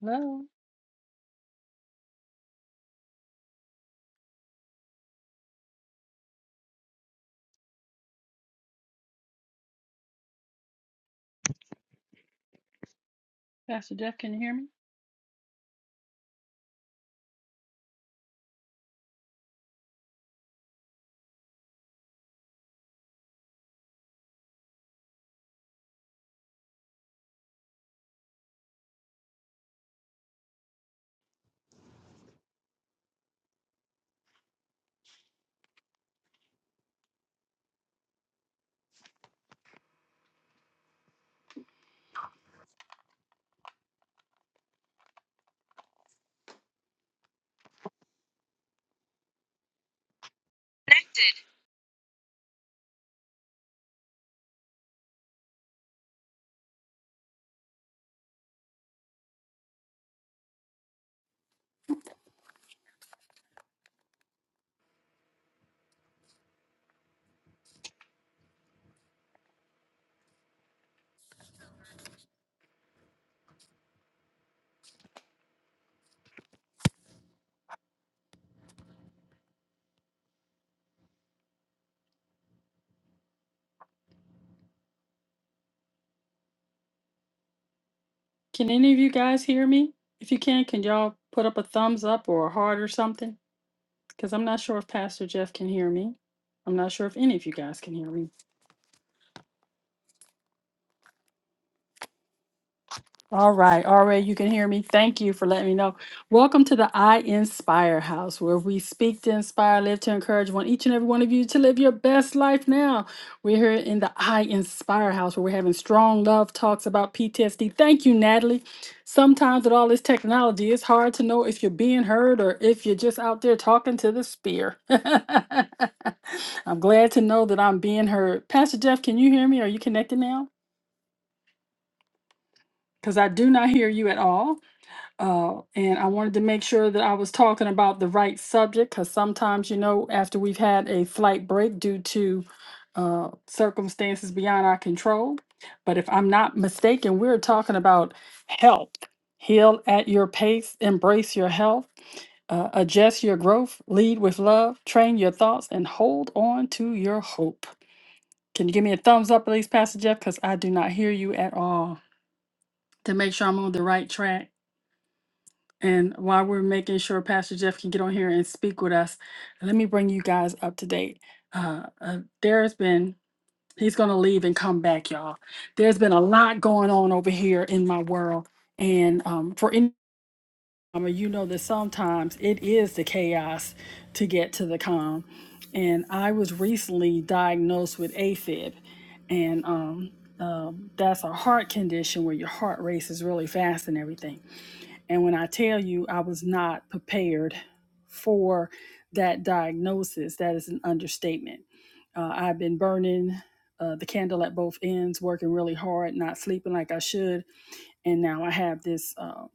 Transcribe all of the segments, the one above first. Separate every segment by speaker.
Speaker 1: Hello, Pastor Jeff, can you hear me? Connected. Can any of you guys hear me? If you can, can y'all put up a thumbs up or a heart or something? Because I'm not sure if Pastor Jeff can hear me. I'm not sure if any of you guys can hear me. All right, all right, you can hear me. Thank you for letting me know. Welcome to the I Inspire House, where we speak to inspire, live to encourage one each and every one of you to live your best life now. We're here in the I Inspire House, where we're having strong love talks about PTSD. Thank you, Natalie. Sometimes with all this technology, it's hard to know if you're being heard or if you're just out there talking to the spear. I'm glad to know that I'm being heard. Pastor Jeff, can you hear me? Are you connected now? Because I do not hear you at all. Uh, and I wanted to make sure that I was talking about the right subject because sometimes, you know, after we've had a flight break due to uh, circumstances beyond our control, but if I'm not mistaken, we're talking about health. Heal at your pace, embrace your health, uh, adjust your growth, lead with love, train your thoughts, and hold on to your hope. Can you give me a thumbs up, please, Pastor Jeff? Because I do not hear you at all to make sure I'm on the right track. And while we're making sure Pastor Jeff can get on here and speak with us, let me bring you guys up to date. Uh, uh, there's been, he's going to leave and come back, y'all. There's been a lot going on over here in my world. And um, for any, I mean, you know that sometimes it is the chaos to get to the calm. And I was recently diagnosed with AFib. And um, um, that's a heart condition where your heart races really fast and everything. And when I tell you I was not prepared for that diagnosis, that is an understatement. Uh, I've been burning uh, the candle at both ends, working really hard, not sleeping like I should. And now I have this uh,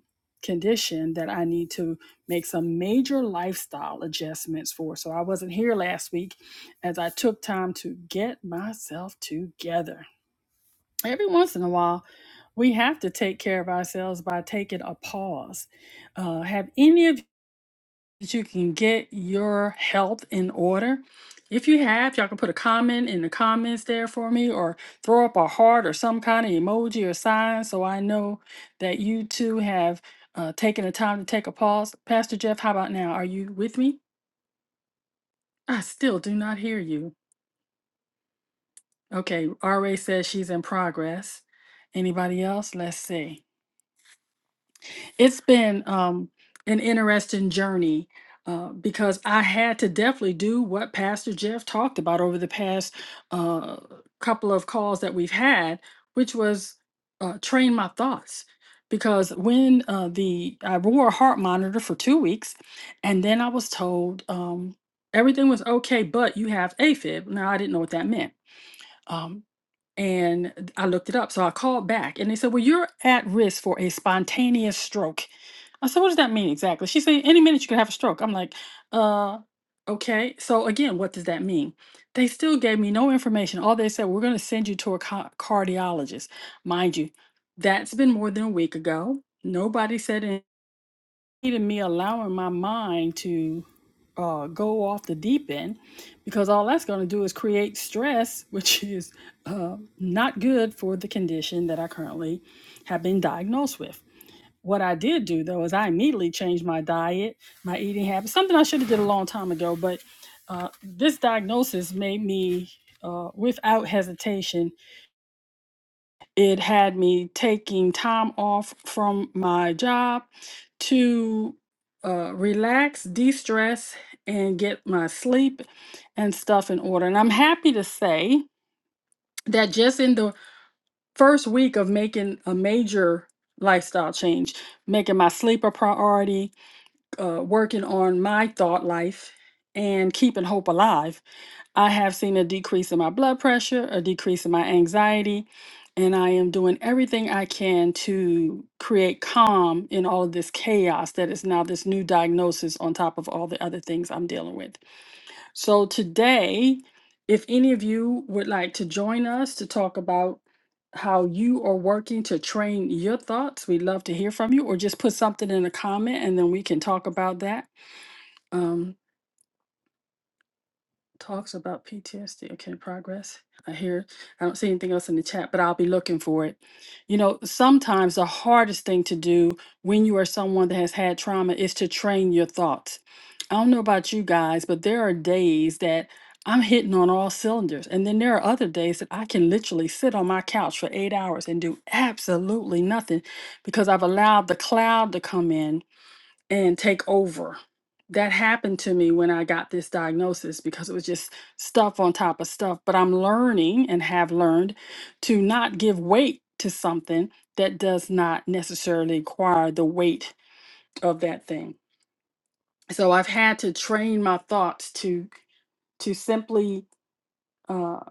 Speaker 1: condition that I need to make some major lifestyle adjustments for. So I wasn't here last week as I took time to get myself together every once in a while we have to take care of ourselves by taking a pause uh, have any of you that you can get your health in order if you have y'all can put a comment in the comments there for me or throw up a heart or some kind of emoji or sign so i know that you too have uh, taken the time to take a pause pastor jeff how about now are you with me i still do not hear you okay ra says she's in progress anybody else let's see It's been um, an interesting journey uh, because I had to definitely do what Pastor Jeff talked about over the past uh, couple of calls that we've had, which was uh, train my thoughts. Because when uh, the I wore a heart monitor for two weeks, and then I was told um, everything was okay, but you have AFib. Now I didn't know what that meant. Um, and I looked it up. So I called back and they said, Well, you're at risk for a spontaneous stroke. I said, What does that mean exactly? She said, Any minute you could have a stroke. I'm like, Uh, okay. So again, what does that mean? They still gave me no information. All they said, We're going to send you to a ca- cardiologist. Mind you, that's been more than a week ago. Nobody said anything to me allowing my mind to uh, go off the deep end because all that's going to do is create stress, which is uh, not good for the condition that I currently have been diagnosed with. What I did do though is I immediately changed my diet, my eating habits, something I should have did a long time ago. But uh, this diagnosis made me, uh, without hesitation, it had me taking time off from my job to uh, relax, de stress, and get my sleep and stuff in order. And I'm happy to say that just in the first week of making a major lifestyle change, making my sleep a priority, uh, working on my thought life, and keeping hope alive I have seen a decrease in my blood pressure, a decrease in my anxiety, and I am doing everything I can to create calm in all of this chaos that is now this new diagnosis on top of all the other things I'm dealing with. So, today, if any of you would like to join us to talk about how you are working to train your thoughts, we'd love to hear from you, or just put something in a comment and then we can talk about that. Um, talks about PTSD. Okay, progress. I hear. I don't see anything else in the chat, but I'll be looking for it. You know, sometimes the hardest thing to do when you are someone that has had trauma is to train your thoughts. I don't know about you guys, but there are days that I'm hitting on all cylinders. And then there are other days that I can literally sit on my couch for eight hours and do absolutely nothing because I've allowed the cloud to come in and take over. That happened to me when I got this diagnosis because it was just stuff on top of stuff. But I'm learning and have learned to not give weight to something that does not necessarily require the weight of that thing. So I've had to train my thoughts to to simply uh,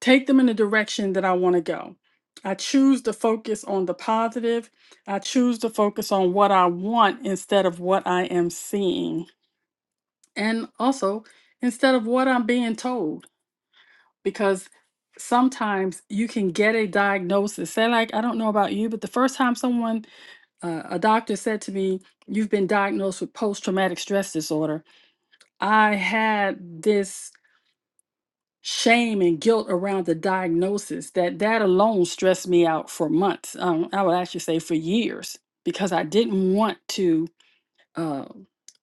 Speaker 1: take them in the direction that I want to go. I choose to focus on the positive. I choose to focus on what I want instead of what I am seeing And also, instead of what I'm being told, because sometimes you can get a diagnosis. Say, like, I don't know about you, but the first time someone, uh, a doctor said to me, You've been diagnosed with post traumatic stress disorder, I had this shame and guilt around the diagnosis that that alone stressed me out for months. Um, I would actually say for years, because I didn't want to. Uh,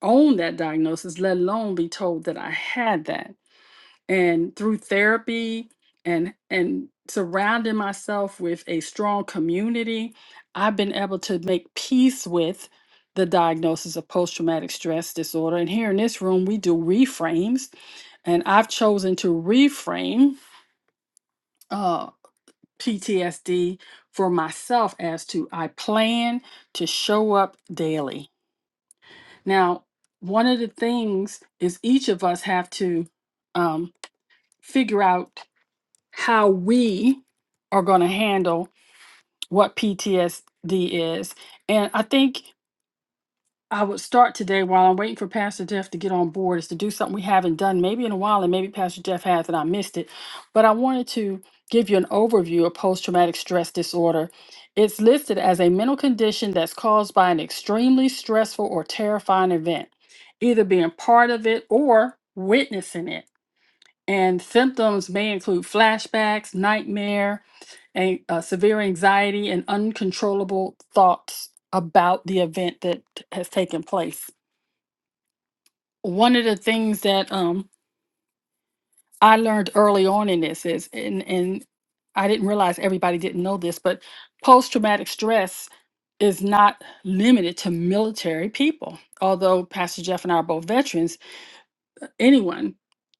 Speaker 1: own that diagnosis let alone be told that i had that and through therapy and and surrounding myself with a strong community i've been able to make peace with the diagnosis of post-traumatic stress disorder and here in this room we do reframes and i've chosen to reframe uh, PTSD for myself as to I plan to show up daily. Now, one of the things is each of us have to um, figure out how we are going to handle what PTSD is. And I think I would start today while I'm waiting for Pastor Jeff to get on board is to do something we haven't done maybe in a while, and maybe Pastor Jeff has and I missed it. But I wanted to give you an overview of post traumatic stress disorder. It's listed as a mental condition that's caused by an extremely stressful or terrifying event, either being part of it or witnessing it. And symptoms may include flashbacks, nightmare, a, uh, severe anxiety and uncontrollable thoughts about the event that has taken place. One of the things that um, I learned early on in this is, and, and I didn't realize everybody didn't know this, but post traumatic stress is not limited to military people. Although Pastor Jeff and I are both veterans, anyone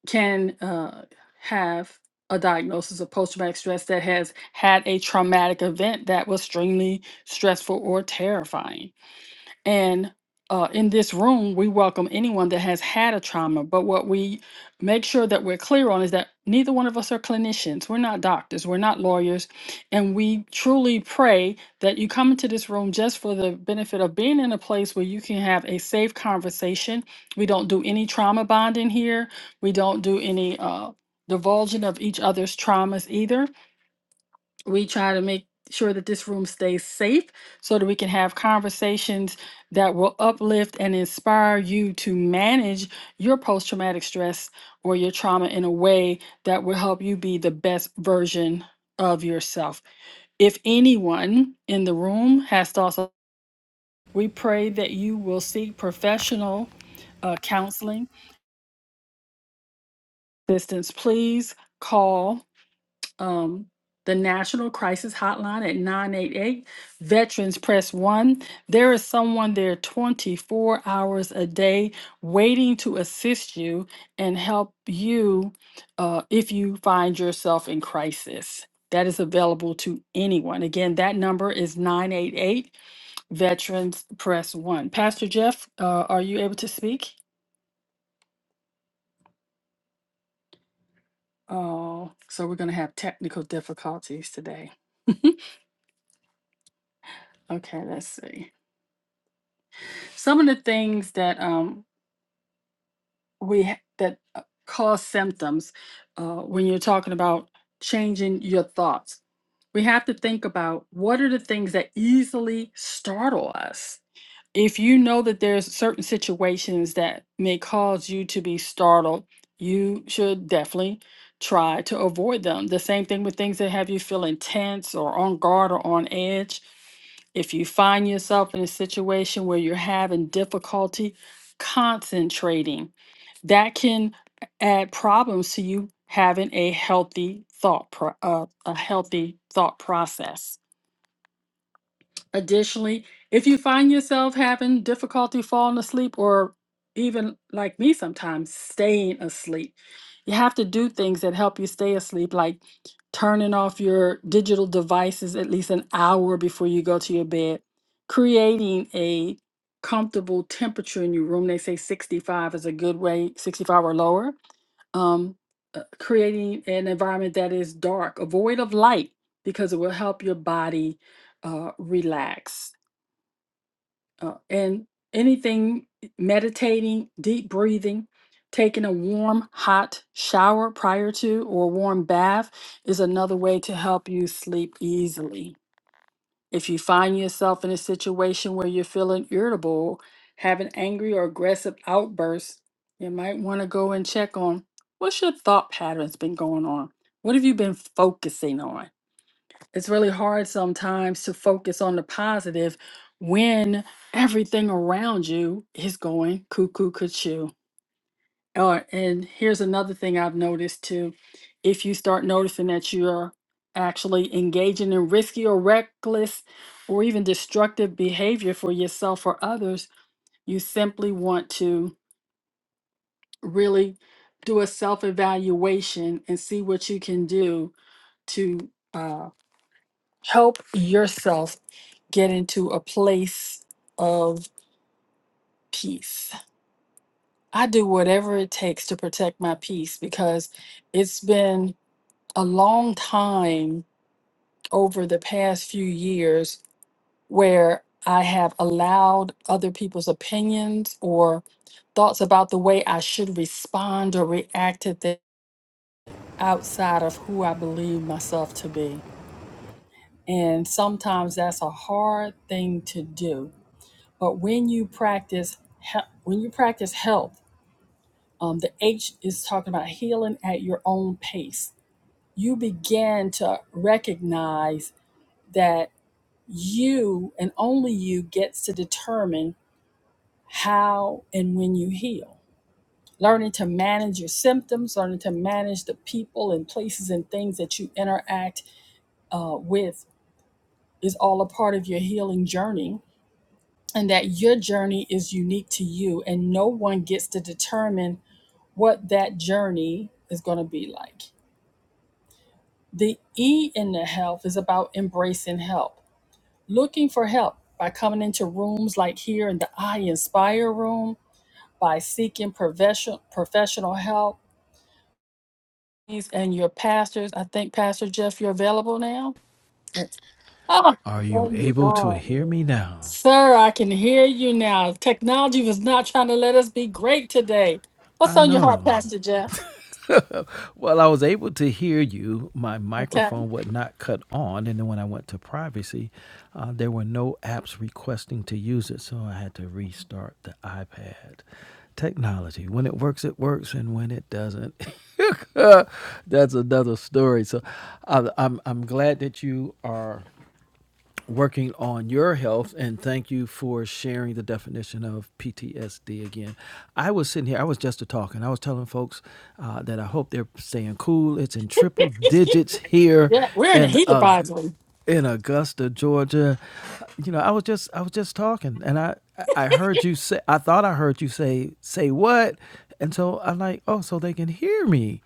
Speaker 1: can uh, have a diagnosis of post traumatic stress that has had a traumatic event that was extremely stressful or terrifying and uh, in this room, we welcome anyone that has had a trauma. But what we make sure that we're clear on is that neither one of us are clinicians. We're not doctors. We're not lawyers. And we truly pray that you come into this room just for the benefit of being in a place where you can have a safe conversation. We don't do any trauma bonding here, we don't do any uh, divulging of each other's traumas either we try to make sure that this room stays safe so that we can have conversations that will uplift and inspire you to manage your post traumatic stress or your trauma in a way that will help you be the best version of yourself. If anyone in the room has thoughts, on- we pray that you will seek professional uh, counseling assistance. Please call um, the National Crisis Hotline at 988. Veterans press one. There is someone there 24 hours a day waiting to assist you and help you uh, if you find yourself in crisis. That is available to anyone. Again, that number is 988 Veterans Press One. Pastor Jeff, uh, are you able to speak? Oh, so we're going to have technical difficulties today. okay, let's see. some of the things that um we ha- that uh, cause symptoms uh, when you're talking about changing your thoughts we have to think about what are the things that easily startle us if you know that there's certain situations that may cause you to be startled, you should definitely try to avoid them. The same thing with things that have you feeling tense or on guard or on edge. If you find yourself in a situation where you're having difficulty concentrating, that can add problems to you having a healthy thought pro- uh, a healthy thought process. Additionally, if you find yourself having difficulty falling asleep or even like me sometimes staying asleep, you have to do things that help you stay asleep, like turning off your digital devices at least an hour before you go to your bed, creating a comfortable temperature in your room. They say 65 is a good way, 65 or lower um, uh, creating an environment that is dark, or void of light, because it will help your body uh, relax. Uh, and anything meditating, deep breathing, taking a warm, hot shower prior to or warm bath is another way to help you sleep easily. If you find yourself in a situation where you're feeling irritable, having angry or aggressive outbursts, you might want to go and check on what's your thought patterns been going on? What have you been focusing on? It's really hard sometimes to focus on the positive when everything around you is going cuckoo cuckoo. Or and here's another thing I've noticed too. If you start noticing that you're actually engaging in risky or reckless or even destructive behavior for yourself or others, you simply want to really do a self evaluation and see what you can do to uh, help yourself get into a place of peace. I do whatever it takes to protect my peace because it's been a long time over the past few years where I have allowed other people's opinions or thoughts about the way I should respond or react to things outside of who I believe myself to be. And sometimes that's a hard thing to do. But when you practice he- when you practice health, um, the H is talking about healing at your own pace. You begin to recognize that you and only you gets to determine how and when you heal. Learning to manage your symptoms, learning to manage the people and places and things that you interact uh, with is all a part of your healing journey, and that your journey is unique to you, and no one gets to determine what that journey is going to be like. The E in the health is about embracing help, looking for help by coming into rooms like here in the I Inspire room by seeking professional professional help. And your pastors, I think Pastor Jeff, you're available now. Yes. Oh,
Speaker 2: Are
Speaker 1: there
Speaker 2: you
Speaker 1: you
Speaker 2: able to
Speaker 1: are.
Speaker 2: hear me now?
Speaker 1: sir, I can hear you now. Technology was not trying to let us be great today. What's
Speaker 2: I
Speaker 1: on your heart,
Speaker 2: know.
Speaker 1: Pastor Jeff?
Speaker 2: Well, I was able to hear you. My
Speaker 1: Okay.
Speaker 2: microphone would not cut on, and then when I went to privacy, uh, there were no apps requesting to use it, so I had to restart the iPad. Technology. When it works, it works, and when it doesn't, that's another story. So, I, I'm I'm glad that you are working on your health and thank you for sharing the definition of PTSD again. I was sitting here, I was just talking. I was telling folks uh, that I hope they're staying cool. It's in triple digits here
Speaker 1: yeah, we're in a
Speaker 2: in
Speaker 1: heat
Speaker 2: uh,
Speaker 1: advisory.
Speaker 2: in Augusta, Georgia. You know, I was just I was just talking and I I heard you say I thought I heard you say say what? And so I'm like, "Oh, so they can hear me."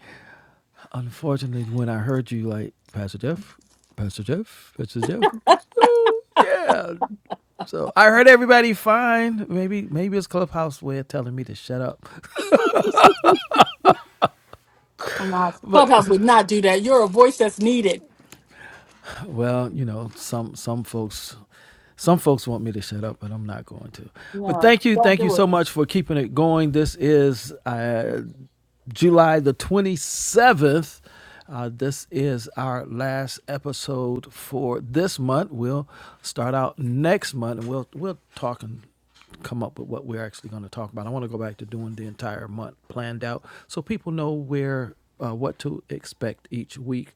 Speaker 2: Unfortunately, when I heard you, like Pastor Jeff, Pastor Jeff, Pastor Jeff, so yeah. So I heard everybody fine. Maybe maybe it's Clubhouse way of telling me to shut up,
Speaker 1: Nah,
Speaker 2: but
Speaker 1: Clubhouse would not do that. You're a voice that's needed.
Speaker 2: Well, you know, some some folks some folks want me to shut up, but I'm not going to. But
Speaker 1: Yeah,
Speaker 2: thank you,
Speaker 1: don't
Speaker 2: thank you
Speaker 1: do
Speaker 2: so
Speaker 1: it.
Speaker 2: much for keeping it going. This is uh, July the 27th. Uh, this is our last episode for this month. We'll start out next month, and we'll we'll talk and come up with what we're actually going to talk about. I want to go back to doing the entire month planned out, so people know where uh, what to expect each week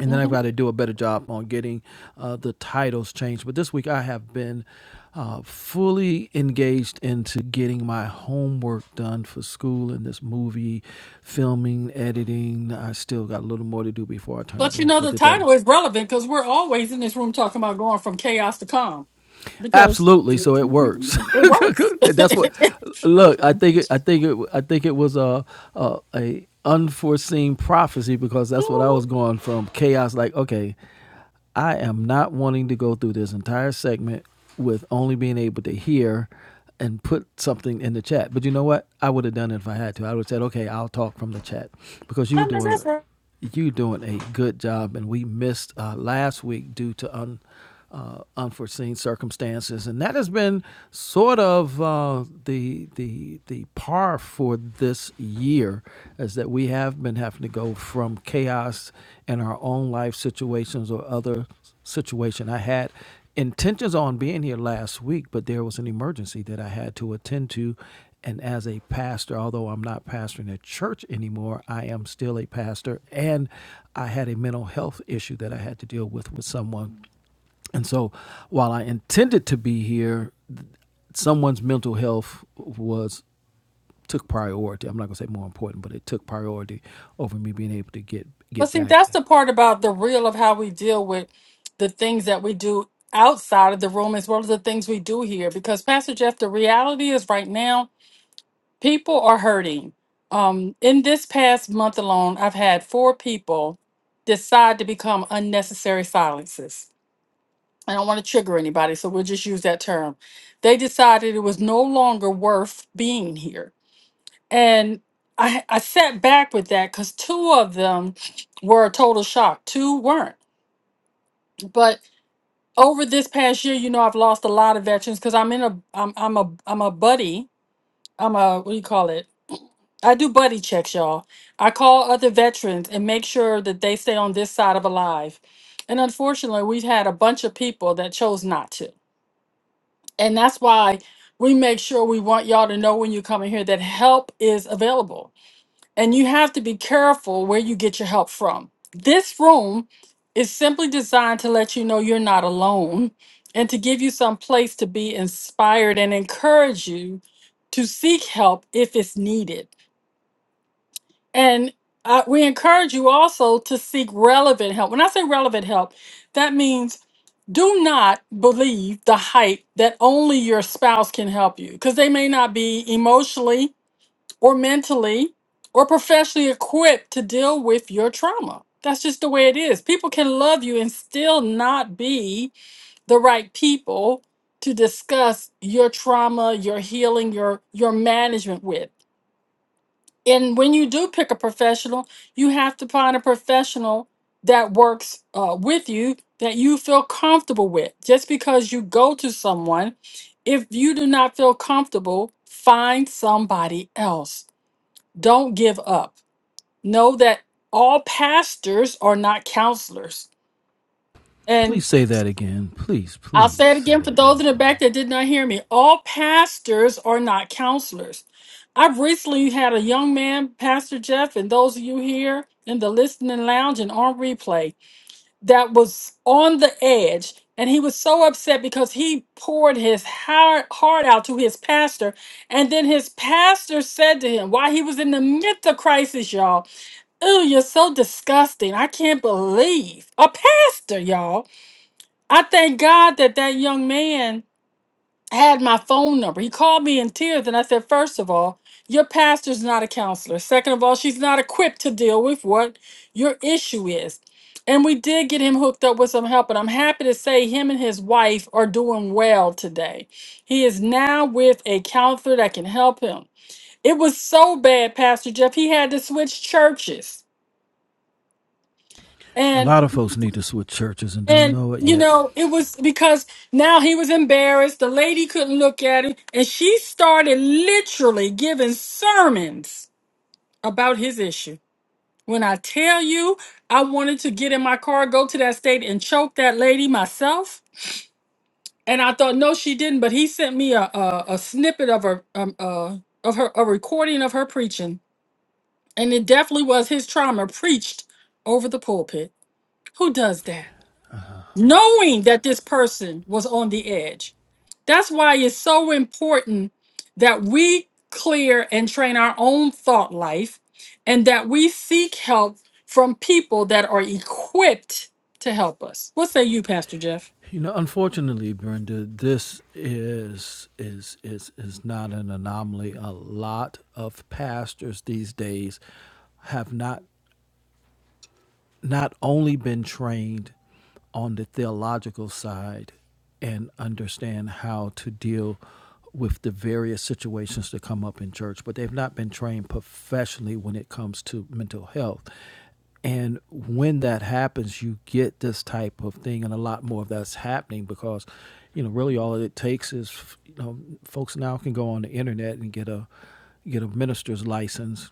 Speaker 2: and then I've got to do a better job on getting uh, the titles changed. But this week I have been uh, fully engaged into getting my homework done for school and this movie, filming, editing. I still got a little more to do before I turn it
Speaker 1: But you
Speaker 2: in
Speaker 1: know,
Speaker 2: for
Speaker 1: the
Speaker 2: today.
Speaker 1: title is relevant because we're always in this room talking about going from chaos to calm because
Speaker 2: Absolutely, so it works.
Speaker 1: it works.
Speaker 2: That's what. Look, I think it. I think it. I think it was a, a a unforeseen prophecy because that's what I was
Speaker 1: Mhm.
Speaker 2: going from chaos. Like, okay, I am not wanting to go through this entire segment with only being able to hear and put something in the chat. But you know what? I would have done it if I had to. I would have said, okay, I'll talk from the chat because you
Speaker 1: I
Speaker 2: were
Speaker 1: know
Speaker 2: doing
Speaker 1: that's right.
Speaker 2: you doing a good job, and we missed uh, last week due to un, uh, unforeseen circumstances, and that has been sort of uh, the the the par for this year, is that we have been having to go from chaos in our own life situations or other situation. I had intentions on being here last week, but there was an emergency that I had to attend to. And as a pastor, although I'm not pastoring a church anymore, I am still a pastor. And I had a mental health issue that I had to deal with with someone. And so while I intended to be here, someone's mental health was took priority. I'm not gonna say more important, but it took priority over me being able to get
Speaker 1: But
Speaker 2: get
Speaker 1: see,
Speaker 2: back.
Speaker 1: that's the part about the real of how we deal with the things that we do outside of the room as well as the things we do here. Because, Pastor Jeff, the reality is right now, people are hurting. Um, in this past month alone, I've had four people decide to become unnecessary silences I don't want to trigger anybody, so we'll just use that term. They decided it was no longer worth being here. And I, I sat back with that because two of them were a total shock. Two weren't. But over this past year, you know, I've lost a lot of veterans because I'm in a I'm I'm a I'm a buddy. I'm a what do you call it? I do buddy checks, y'all. I call other veterans and make sure that they stay on this side of alive. And unfortunately, we've had a bunch of people that chose not to. And that's why we make sure we want y'all to know when you come in here that help is available. And you have to be careful where you get your help from. This room is simply designed to let you know you're not alone and to give you some place to be inspired and encourage you to seek help if it's needed. And uh, we encourage you also to seek relevant help. When I say relevant help, that means do not believe the hype that only your spouse can help you because they may not be emotionally or mentally or professionally equipped to deal with your trauma. That's just the way it is. People can love you and still not be the right people to discuss your trauma, your healing, your your management with and when you do pick a professional, you have to find a professional that works uh, with you that you feel comfortable with. Just because you go to someone, if you do not feel comfortable, find somebody else. Don't give up. Know that all pastors are not counselors. and.
Speaker 2: Please say that again. Please,
Speaker 1: I'll
Speaker 2: please
Speaker 1: say it
Speaker 2: say
Speaker 1: again for
Speaker 2: that one
Speaker 1: those
Speaker 2: more
Speaker 1: in the
Speaker 2: time.
Speaker 1: back that did not hear me. All pastors are not counselors. I've recently had a young man, Pastor Jeff, and those of you here in the listening lounge and on replay, that was on the edge. And he was so upset because he poured his heart, heart out to his pastor. And then his pastor said to him, while he was in the midst of crisis, y'all, Ew, you're so disgusting. I can't believe a pastor, y'all. I thank God that that young man had my phone number. He called me in tears, and I said, First of all, your pastor's not a counselor. Second of all, she's not equipped to deal with what your issue is. And we did get him hooked up with some help, and I'm happy to say him and his wife are doing well today. He is now with a counselor that can help him. It was so bad, Pastor Jeff, he had to switch churches.
Speaker 2: A lot of folks need to switch churches and don't
Speaker 1: And
Speaker 2: know it
Speaker 1: you
Speaker 2: yet.
Speaker 1: know, it was because now he was embarrassed. The lady couldn't look at him, and she started literally giving sermons about his issue. When I tell you, I wanted to get in my car, go to that state, and choke that lady myself. And I thought, no, she didn't. But he sent me a a, a snippet of her um, uh, of her a recording of her preaching, and it definitely was his trauma preached over the pulpit. Who does that? knowing that this person was on the edge. That's why it's so important that we clear and train our own thought life and that we seek help from people that are equipped to help us. What say you, Pastor Jeff?
Speaker 2: You know, unfortunately, Brenda, this is is is is not an anomaly. A lot of pastors these days have not not only been trained on the theological side and understand how to deal with the various situations that come up in church, but they've not been trained professionally when it comes to mental health. And when that happens, you get this type of thing, and a lot more of that's happening because, you know, really all it takes is, you know, folks now can go on the internet and get a get a minister's license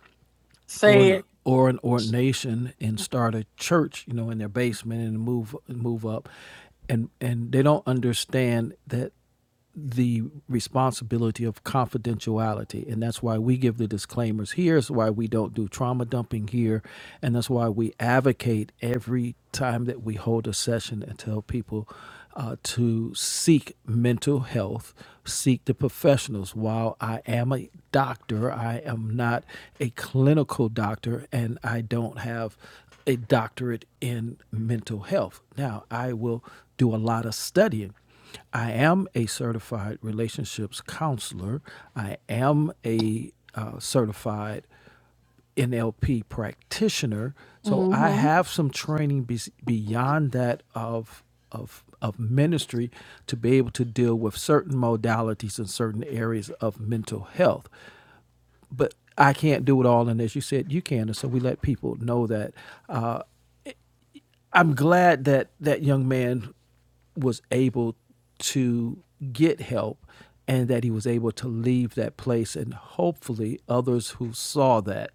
Speaker 2: or
Speaker 1: Say
Speaker 2: an
Speaker 1: it.
Speaker 2: or an ordination and start a church, you know, in their basement and move move up, and and they don't understand that the responsibility of confidentiality and that's why we give the disclaimers here is why we don't do trauma dumping here and that's why we advocate every time that we hold a session and tell people uh, to seek mental health, seek the professionals. While I am a doctor, I am not a clinical doctor, and I don't have a doctorate in mental health. Now, I will do a lot of studying. I am a certified relationships counselor. I am a uh, certified NLP practitioner. So I
Speaker 1: Mm-hmm.
Speaker 2: have some training bes beyond that of of of ministry to be able to deal with certain modalities and certain areas of mental health. But I can't do it all, and as you said, you can, and so we let people know that. I'm glad that that young man was able to get help and that he was able to leave that place and hopefully others who saw that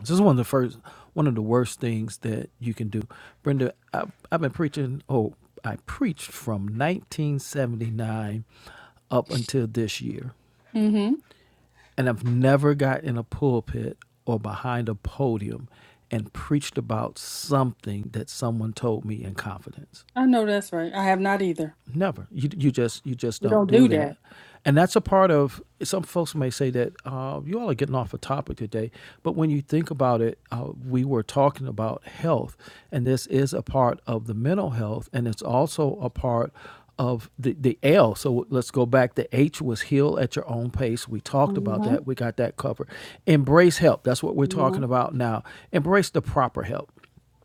Speaker 2: This is one of the first, one of the worst things that you can do. Brenda, I, I've been preaching, oh, I preached from 1979 up until this year.
Speaker 1: Mm-hmm.
Speaker 2: And I've never got in a pulpit or behind a podium and preached about something that someone told me in confidence.
Speaker 1: I know that's right. I have not either.
Speaker 2: Never. You you just you just
Speaker 1: We
Speaker 2: don't
Speaker 1: don't
Speaker 2: do
Speaker 1: do that.
Speaker 2: that, and that's a part of. Some folks may say that uh, you all are getting off a topic today, but when you think about it, uh, we were talking about health, and this is a part of the mental health, and it's also a part of the the L. So let's go back. The H was heal at your own pace. We talked about
Speaker 1: Mm-hmm.
Speaker 2: that. We got that covered. Embrace help. That's what we're
Speaker 1: Mm-hmm.
Speaker 2: talking about now. Embrace the proper help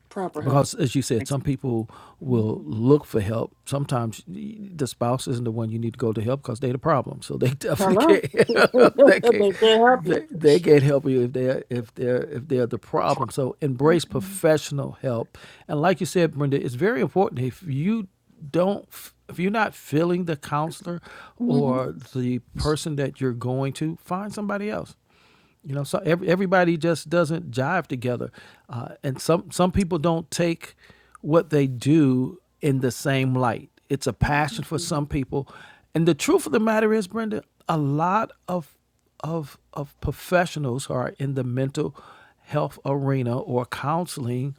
Speaker 1: Proper help.
Speaker 2: because as you said some people will
Speaker 1: Mhm.
Speaker 2: look for help sometimes the spouse isn't the one you need to go to help because they're the problem so they definitely
Speaker 1: Hello.
Speaker 2: can't they can't
Speaker 1: they can't
Speaker 2: they, they can't
Speaker 1: help
Speaker 2: help you if they're if they're if they're the problem so embrace
Speaker 1: you.
Speaker 2: professional help and like you said brenda it's very important if you don't if you're not feeling the counselor or the person that you're going to find somebody else you know, so ev- everybody just doesn't jive together, uh, and some some people don't take what they do in the same light. It's a passion for some people, and the truth of the matter is, Brenda, a lot of of of professionals who are in the mental health arena or counseling,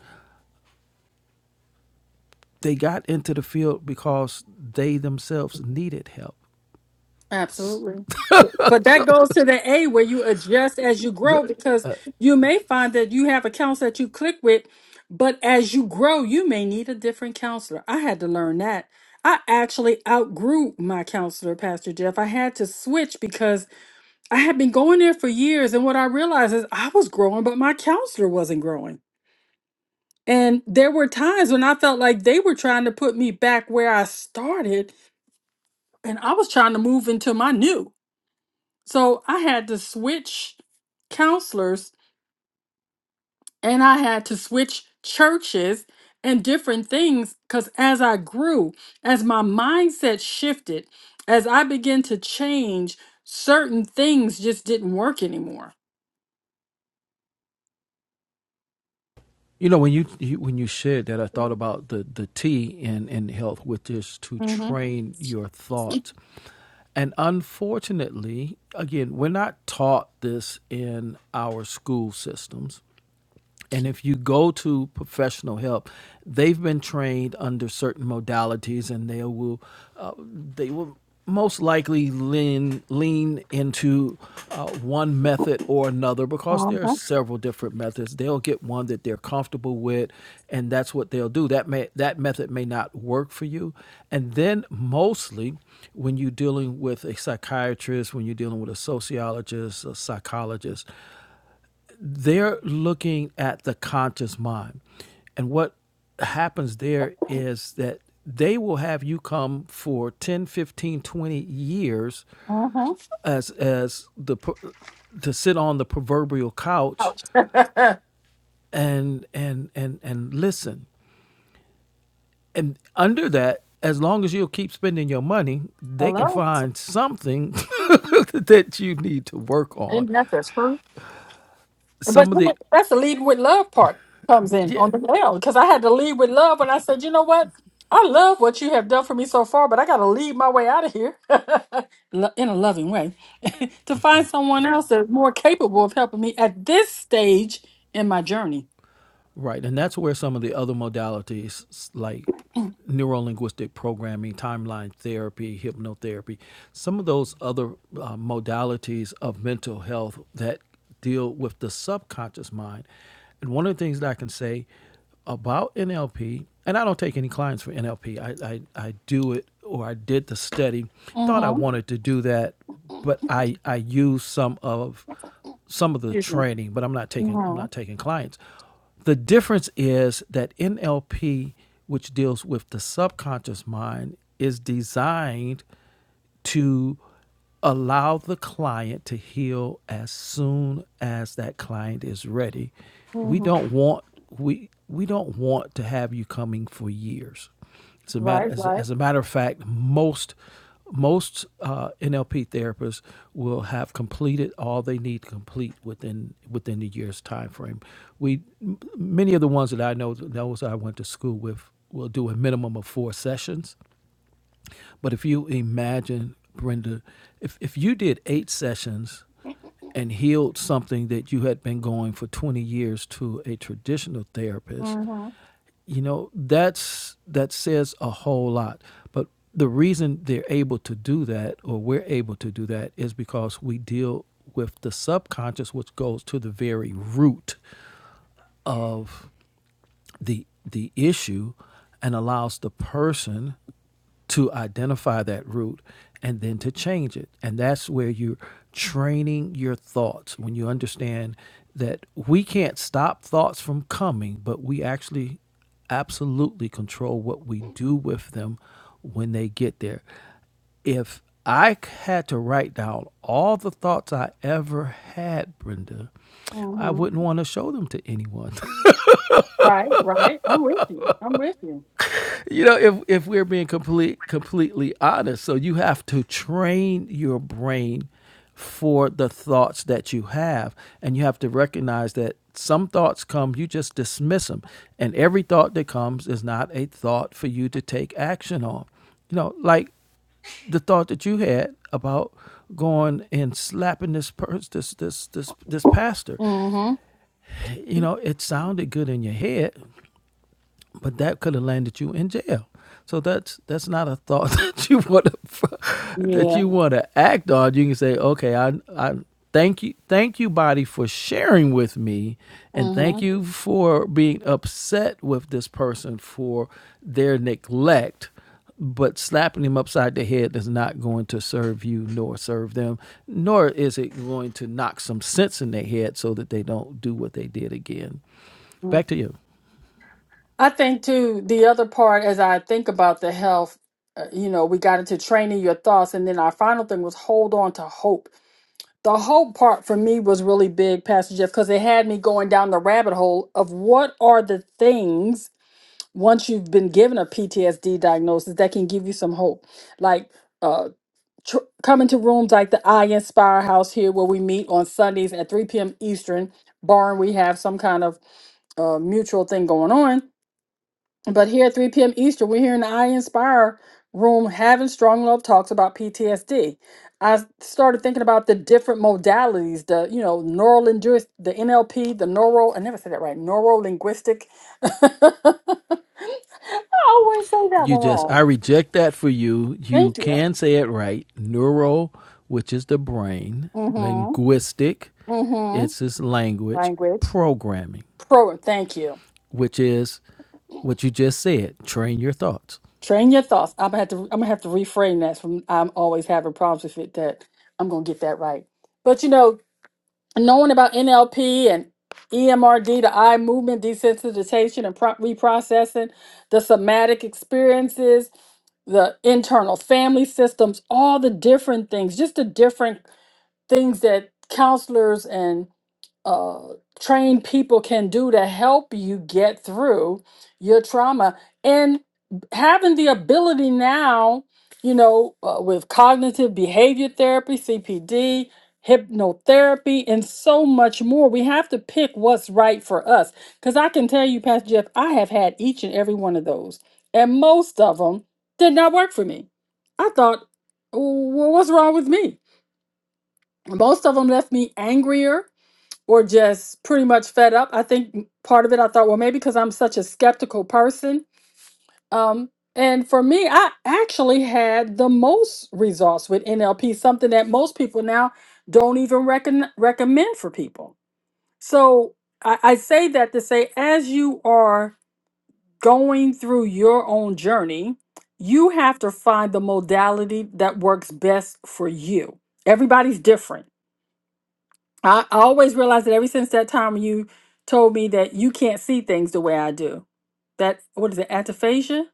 Speaker 2: they got into the field because they themselves needed help.
Speaker 1: Absolutely. But that goes to the A where you adjust as you grow because you may find that you have accounts that you click with, but as you grow, you may need a different counselor. I had to learn that. I actually outgrew my counselor, Pastor Jeff. I had to switch because I had been going there for years. And what I realized is I was growing, but my counselor wasn't growing. And there were times when I felt like they were trying to put me back where I started and I was trying to move into my new. So I had to switch counselors and I had to switch churches and different things because as I grew, as my mindset shifted, as I began to change, certain things just didn't work anymore.
Speaker 2: You know, when you, you when you shared that, I thought about the the T in in health, which is to
Speaker 1: Mm-hmm.
Speaker 2: train your thoughts. And unfortunately, again, we're not taught this in our school systems. And if you go to professional help, they've been trained under certain modalities, and they will uh, they will most likely lean lean into uh, one method or another because there are
Speaker 1: Uh-huh.
Speaker 2: several different methods. They'll get one that they're comfortable with, and that's what they'll do. That may that method may not work for you. And then mostly, when you're dealing with a psychiatrist, when you're dealing with a sociologist, a psychologist, they're looking at the conscious mind. And what happens there is that they will have you come for 10, 15, 20 years
Speaker 1: Uh-huh.
Speaker 2: as as the to sit on the proverbial couch and and and and listen. And under that, as long as you'll keep spending your money, they can
Speaker 1: Hello?
Speaker 2: find something that you need to work on.
Speaker 1: Isn't that the truth? But
Speaker 2: Some of
Speaker 1: then
Speaker 2: the
Speaker 1: that's the lead with love part comes in
Speaker 2: yeah,
Speaker 1: on the nail because I had to lead with love when I said, you know what? I love what you have done for me so far, but I got to lead my way out of here Lo- in a loving way to find someone else that's more capable of helping me at this stage in my journey.
Speaker 2: Right, and that's where some of the other modalities s- like neurolinguistic programming, timeline therapy, hypnotherapy, some of those other uh, modalities of mental health that deal with the subconscious mind. And one of the things that I can say about NLP, and I don't take any clients for NLP. I, I I do it or I did the study, thought I
Speaker 1: Mm-hmm.
Speaker 2: wanted to do that, but I, I use some of some of the
Speaker 1: Excuse me.
Speaker 2: training, but I'm not taking I'm not
Speaker 1: Mm-hmm.
Speaker 2: taking clients. The difference is that NLP, which deals with the subconscious mind, is designed to allow the client to heal as soon as that client is ready. We
Speaker 1: Mm-hmm.
Speaker 2: don't want we we don't want to have you coming for years. As a matter
Speaker 1: Right,
Speaker 2: as,
Speaker 1: right.
Speaker 2: as a matter of fact, most most uh, NLP therapists will have completed all they need to complete within within the year's time frame. We many of the ones that I know those I went to school with will do a minimum of four sessions. But if you imagine, Brenda, if if you did eight sessions and healed something that you had been going for 20 years to a traditional therapist
Speaker 1: Mm-hmm.
Speaker 2: you know that's that says a whole lot but the reason they're able to do that or we're able to do that is because we deal with the subconscious which goes to the very root of the the issue and allows the person to identify that root and then to change it. And that's where you're training your thoughts when you understand that we can't stop thoughts from coming, but we actually absolutely control what we do with them when they get there. If I had to write down all the thoughts I ever had, Brenda, I
Speaker 1: Mm-hmm.
Speaker 2: wouldn't want to show them to anyone.
Speaker 1: Right, right. I'm with you. I'm with you.
Speaker 2: you know if if we're being complete completely honest so you have to train your brain for the thoughts that you have and you have to recognize that some thoughts come you just dismiss them and every thought that comes is not a thought for you to take action on you know like the thought that you had about going and slapping this person this this this this pastor
Speaker 1: Mm-hmm.
Speaker 2: you know it sounded good in your head but that could have landed you in jail. So that's that's not a thought that you want to that
Speaker 1: Yeah.
Speaker 2: you want to act on. You can say, okay, I I thank you thank you body for sharing with me, and
Speaker 1: Mm-hmm.
Speaker 2: thank you for being upset with this person for their neglect. But slapping them upside the head is not going to serve you nor serve them, nor is it going to knock some sense in their head so that they don't do what they did again.
Speaker 1: Mm-hmm.
Speaker 2: Back to you.
Speaker 1: I think too, the other part as I think about the health, uh, you know, we got into training your thoughts. And then our final thing was hold on to hope. The hope part for me was really big, Pastor Jeff, because it had me going down the rabbit hole of what are the things once you've been given a PTSD diagnosis that can give you some hope. Like, uh, Tr- coming to rooms like the I Inspire House here, where we meet on Sundays at 3 p.m. Eastern, barring we have some kind of uh, mutual thing going on but here at 3 p.m. Eastern, we're here in the I Inspire room having strong love talks about PTSD. I s- started thinking about the different modalities, the you know, neural linguist, the NLP, the neural, I never said that right, neural linguistic. I always say that
Speaker 2: You
Speaker 1: one
Speaker 2: just,
Speaker 1: wrong.
Speaker 2: I reject that for you. You
Speaker 1: Thank you.
Speaker 2: can say it right. Neuro, which is the brain,
Speaker 1: Mm-hmm.
Speaker 2: linguistic,
Speaker 1: Mm-hmm.
Speaker 2: it's his language,
Speaker 1: Language.
Speaker 2: programming,
Speaker 1: Pro thank you.
Speaker 2: which is what you just said. Train your thoughts.
Speaker 1: Train your thoughts. I'm gonna have to I'm gonna have to reframe that from I'm always having problems with it that I'm gonna get that right. But you know, knowing about NLP and EMRD, the eye movement desensitization and pro- reprocessing, the somatic experiences, the internal family systems, all the different things, just the different things that counselors and uh, trained people can do to help you get through your trauma and having the ability now you know uh, with cognitive behavior therapy cpd hypnotherapy and so much more we have to pick what's right for us because i can tell you pastor jeff i have had each and every one of those and most of them did not work for me i thought well, what's wrong with me most of them left me angrier or just pretty much fed up. I think part of it, I thought, well, maybe because I'm such a skeptical person. Um, and for me, I actually had the most results with NLP, something that most people now don't even recon- recommend for people. So I-, I say that to say, as you are going through your own journey, you have to find the modality that works best for you. Everybody's different I I always realized that ever since that time when you told me that you can't see things the way I do. That what is it, aphantasia?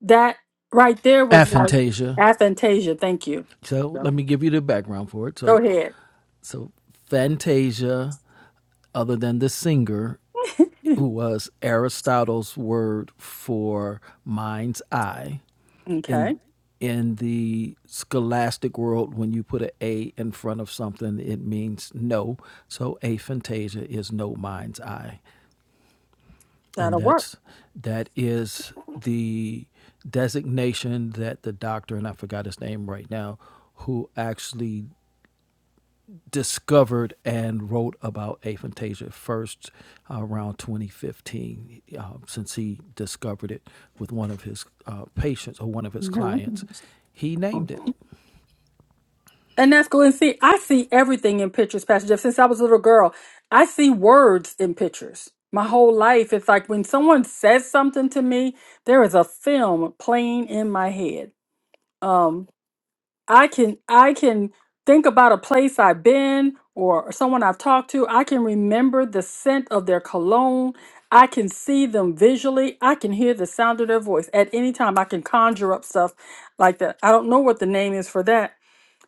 Speaker 1: That right there was like
Speaker 2: Aphantasia.
Speaker 1: aphantasia. Thank you.
Speaker 2: So let
Speaker 1: No.
Speaker 2: me give you the background for it.
Speaker 1: Go
Speaker 2: So,
Speaker 1: ahead.
Speaker 2: so Fantasia, other than the singer, who was Aristotle's word for mind's eye, in
Speaker 1: Okay,
Speaker 2: in the scholastic world, when you put an A in front of something, it means no. So aphantasia is no mind's eye, and
Speaker 1: that'll work.
Speaker 2: that's that is the designation that the doctor and I forgot his name right now, who actually discovered and wrote about aphantasia first uh, around 2015, um, since he discovered it with one of his uh, patients or one of his
Speaker 1: Yeah.
Speaker 2: clients he named it
Speaker 1: And that's cool. And see, I see everything in pictures, Pastor Jeff. Since I was a little girl, I see words in pictures. My whole life, it's like when someone says something to me, there is a film playing in my head. Um, I can I can think about a place I've been or someone I've talked to. I can remember the scent of their cologne. I can see them visually. I can hear the sound of their voice at any time. I can conjure up stuff like that. I don't know what the name is for that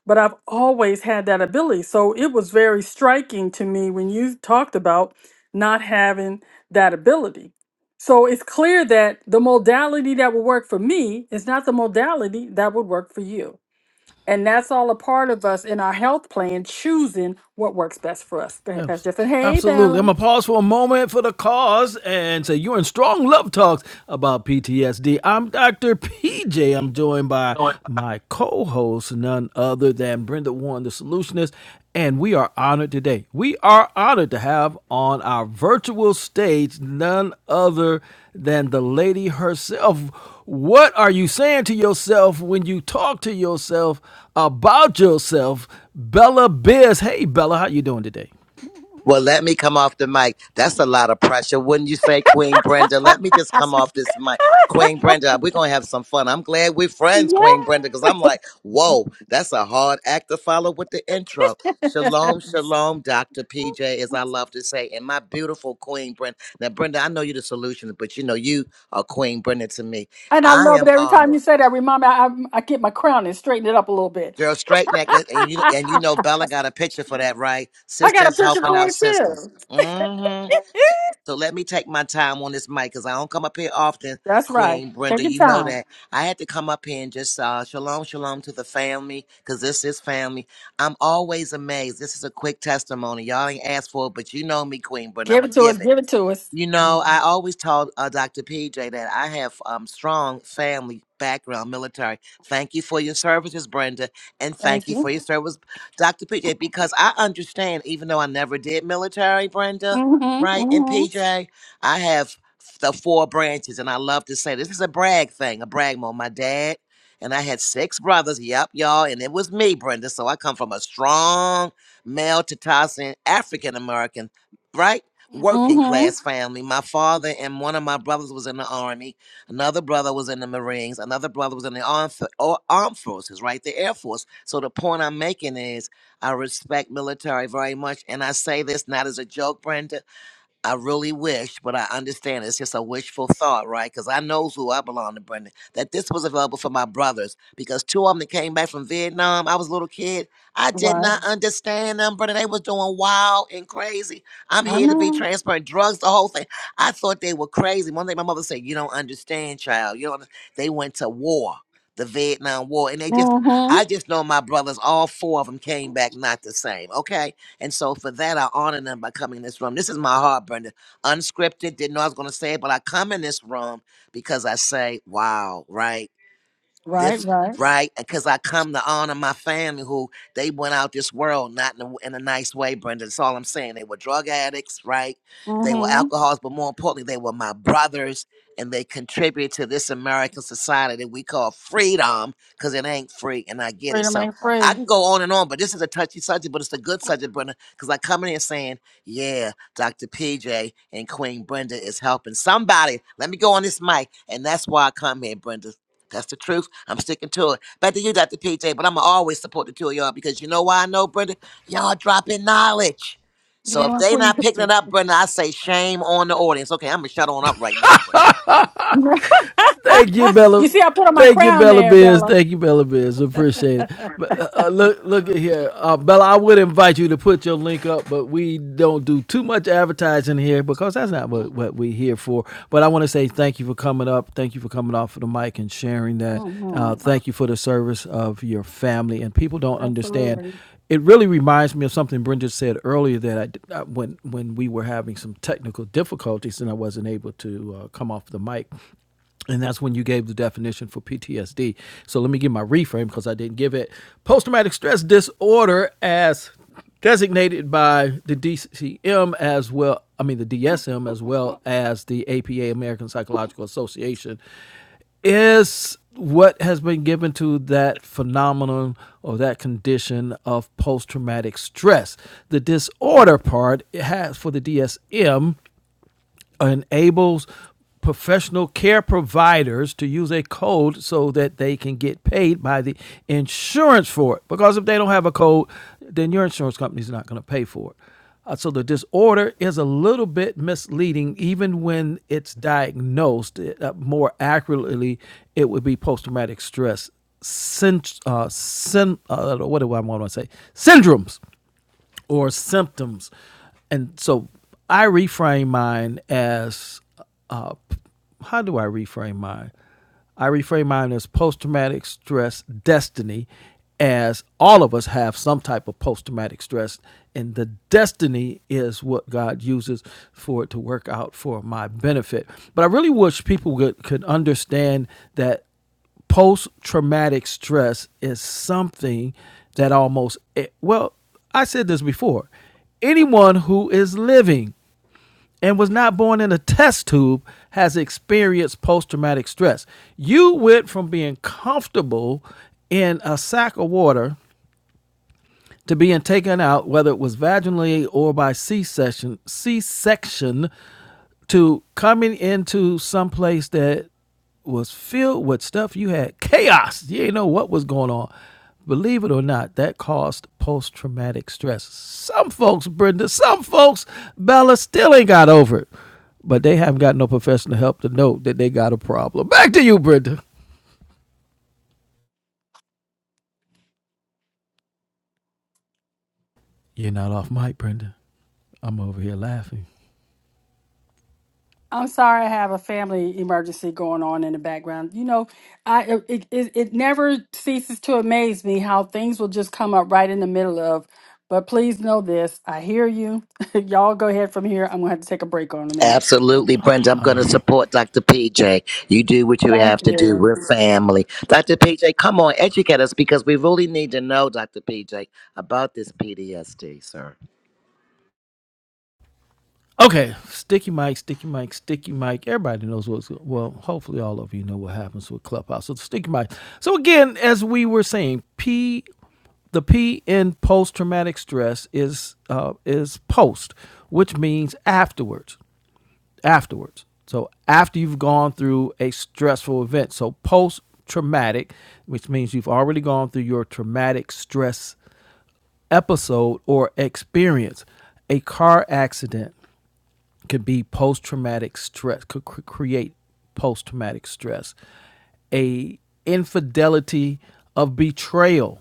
Speaker 1: but I've always had that ability. So it was very striking to me when you talked about not having that ability. So it's clear that the modality that would work for me is not the modality that would work for you. And that's all a part of us in our health plan choosing what works best for us. Go ahead,
Speaker 2: Abs-
Speaker 1: Pastor Jeff. Hey,
Speaker 2: Absolutely. I'm
Speaker 1: Bella.
Speaker 2: going to pause for a moment for the cause and say you're in strong love talks about PTSD. I'm Dr. PJ. I'm joined by
Speaker 1: No,
Speaker 2: my co host, none other than Brenda Warren, the solutionist. And we are honored today. We are honored to have on our virtual stage none other than the lady herself. What are you saying to yourself when you talk to yourself about yourself? Bella Biz. Hey, Bella, how you doing today?
Speaker 3: Well, let me come off the mic. That's a lot of pressure, wouldn't you say, Queen Brenda?
Speaker 1: I-
Speaker 3: Let me just come off this mic. Queen Brenda, we're going to have some fun. I'm glad we're friends, Queen Brenda,
Speaker 1: yeah.
Speaker 3: because I'm like, whoa, that's a hard act to follow with the intro. Shalom, shalom, Dr. PJ, as I love to say, and my beautiful Queen Brenda. Now, Brenda, I know you're the solution, but you know, you are Queen Brenda to me.
Speaker 1: and I
Speaker 3: I
Speaker 1: love it
Speaker 3: am
Speaker 1: every time you
Speaker 3: honored.
Speaker 1: say that. Remind me, I, I I get my crown and straighten it up a little bit.
Speaker 3: Girl, straight naked, and you, and you know Bella got a picture for that, right?
Speaker 1: I got a
Speaker 3: Sisters
Speaker 1: picture
Speaker 3: helping
Speaker 1: for
Speaker 3: out
Speaker 1: it
Speaker 3: sisters.
Speaker 1: too.
Speaker 3: mm hmm So let me take my time on this mic because I don't come up here often,
Speaker 1: That's right.
Speaker 3: Queen Brenda.
Speaker 1: Take your
Speaker 3: You know
Speaker 1: time.
Speaker 3: that. I had to come up here and just uh, shalom, shalom to the family because this is family. I'm always amazed. This is a quick testimony. Y'all ain't asked for it, but you know me, Queen Brenda. I'm
Speaker 1: Give it
Speaker 3: going to
Speaker 1: to us.
Speaker 3: give it.
Speaker 1: Give it to us.
Speaker 3: You know, I always told uh, Dr. PJ that I have um, strong family background, military. Thank you for your services, Brenda, and
Speaker 1: Thank
Speaker 3: thank you
Speaker 1: you.
Speaker 3: for your service, Dr. PJ, because I understand, even though I never did military, Brenda,
Speaker 1: Mm-hmm.
Speaker 3: right, and
Speaker 1: Mm-hmm.
Speaker 3: PJ, I have the four branches, and I love to say this is a brag thing, a brag moment. My dad and I had six brothers, yep, y'all, and it was me, Brenda, so I come from a strong male Tatassian African-American, right? working
Speaker 1: Mm-hmm.
Speaker 3: class family. My father and one of my brothers was in the army. Another brother was in the Marines. Another brother was in the armed, fo- or armed forces, right? The Air Force. So the point I'm making is I respect military very much. And I say this not as a joke, Brenda. I really wish, but I understand it's just a wishful thought, right? Because I knows who I belong to, Brendan. That this was available for my brothers because two of them that came back from Vietnam, I was a little kid. I did
Speaker 1: Right.
Speaker 3: not understand them, brother. They was doing wild and crazy. I'm
Speaker 1: I
Speaker 3: here to be
Speaker 1: know.
Speaker 3: transparent. Drugs, the whole thing. I thought they were crazy. One day my mother said, "You don't understand, child. You don't." They went to war, the Vietnam War, and they just.
Speaker 1: Mm-hmm.
Speaker 3: I just know my brothers. All four of them came back not the same. Okay and so for that, I honor them by coming in this room. This is my heart, Brenda. Unscripted, didn't know I was going to say it, but I come in this room because I say, wow, right?
Speaker 1: Right,
Speaker 3: this
Speaker 1: right.
Speaker 3: right because i come to honor my family who they went out this world not in a, in a nice way brenda that's all i'm saying they were drug addicts right they were
Speaker 1: Mm-hmm.
Speaker 3: alcoholics but more importantly they were my brothers and they contributed to this american society that we call freedom because it ain't free and i get it
Speaker 1: Freedom
Speaker 3: so
Speaker 1: ain't
Speaker 3: i
Speaker 1: free.
Speaker 3: can go on and on but this is a touchy subject but it's a good subject brenda because i come in here saying yeah dr pj and queen brenda is helping somebody let me go on this mic and that's why i come here brenda that's the truth. I'm sticking to it. Back to you, Dr. PJ, but I'm going to always support the two of y'all because you know why I know, Brenda? Y'all dropping knowledge.
Speaker 1: You
Speaker 3: So
Speaker 1: think
Speaker 3: if
Speaker 1: I'm gonna
Speaker 3: they
Speaker 1: put your
Speaker 3: not picking
Speaker 1: picture?
Speaker 3: it up, Brenda, I say shame on the audience. Okay, I'm going to shut on up right now, Brenda.
Speaker 2: Thank you, Bella.
Speaker 1: you see, I put on my
Speaker 2: Thank you,
Speaker 1: crown
Speaker 2: Bella
Speaker 1: there,
Speaker 2: Biz.
Speaker 1: Bella.
Speaker 2: Thank you, Bella Biz. Appreciate it. But uh, uh, look, look at here, uh, Bella. I would invite you to put your link up, but we don't do too much advertising here because that's not what, what we're here for. But I want to say thank you for coming up. Thank you for coming off of the mic and sharing that. Uh,
Speaker 1: Mm-hmm.
Speaker 2: thank you for the service of your family. And people don't understand
Speaker 1: Absolutely.
Speaker 2: it really reminds me of something Bridget said earlier that I, did- I- when when we were having some technical difficulties and I wasn't able to uh, come off the mic. And that's when you gave the definition for PTSD. So let me give my reframe because I didn't give it. Post traumatic stress disorder, as designated by the DCM as well, I mean, the DSM as well as the APA, American Psychological Association, is what has been given to that phenomenon or that condition of post traumatic stress. The disorder part it has for the DSM enables professional care providers to use a code so that they can get paid by the insurance for it. Because if they don't have a code, then your insurance company is not going to pay for it. Uh, so the disorder is a little bit misleading, even when it's diagnosed. uh, more accurately, it would be post-traumatic stress syn- uh, syn- uh, what do I want to say? Syndromes or symptoms. And so I reframe mine as uh, how do I reframe mine? I reframe mine as post traumatic stress destiny, as all of us have some type of post traumatic stress. And the destiny is what God uses for it to work out for my benefit. But I really wish people could, could understand that post traumatic stress is something that almost, eh, well, I said this before. Anyone who is living and was not born in a test tube has experienced post traumatic stress. You went from being comfortable in a sack of water to being taken out, whether it was vaginally or by C section, C section to coming into some place that was filled with stuff you had chaos you didn't know what was going on believe it or not that caused post-traumatic stress some folks brenda some folks bella still ain't got over it but they haven't got no professional help to know that they got a problem back to you brenda you're not off mic brenda i'm over here laughing
Speaker 1: I'm sorry, I have a family emergency going on in the background. You know, I it, it it never ceases to amaze me how things will just come up right in the middle of. But please know this: I hear you. Y'all go ahead from here. I'm gonna have to take a break on a minute.
Speaker 3: Absolutely, Brenda. I'm
Speaker 2: all
Speaker 3: going
Speaker 2: right
Speaker 3: to support Dr. PJ. You do what you have
Speaker 1: Thank
Speaker 3: to do.
Speaker 1: you.
Speaker 3: We're family. Dr. PJ, come on, educate us because we really need to know, Dr. PJ, about this PTSD, sir.
Speaker 2: Okay, sticky mic, sticky mic, sticky mic. Everybody knows what's well. Hopefully, all of you know what happens with Clubhouse. So the sticky mic. So again, as we were saying, P the P in post traumatic stress is uh, is post, which means afterwards. Afterwards. So after you've gone through a stressful event. So post traumatic, which means you've already gone through your traumatic stress episode or experience, a car accident could be post traumatic stress, could cr- create post traumatic stress. A infidelity of betrayal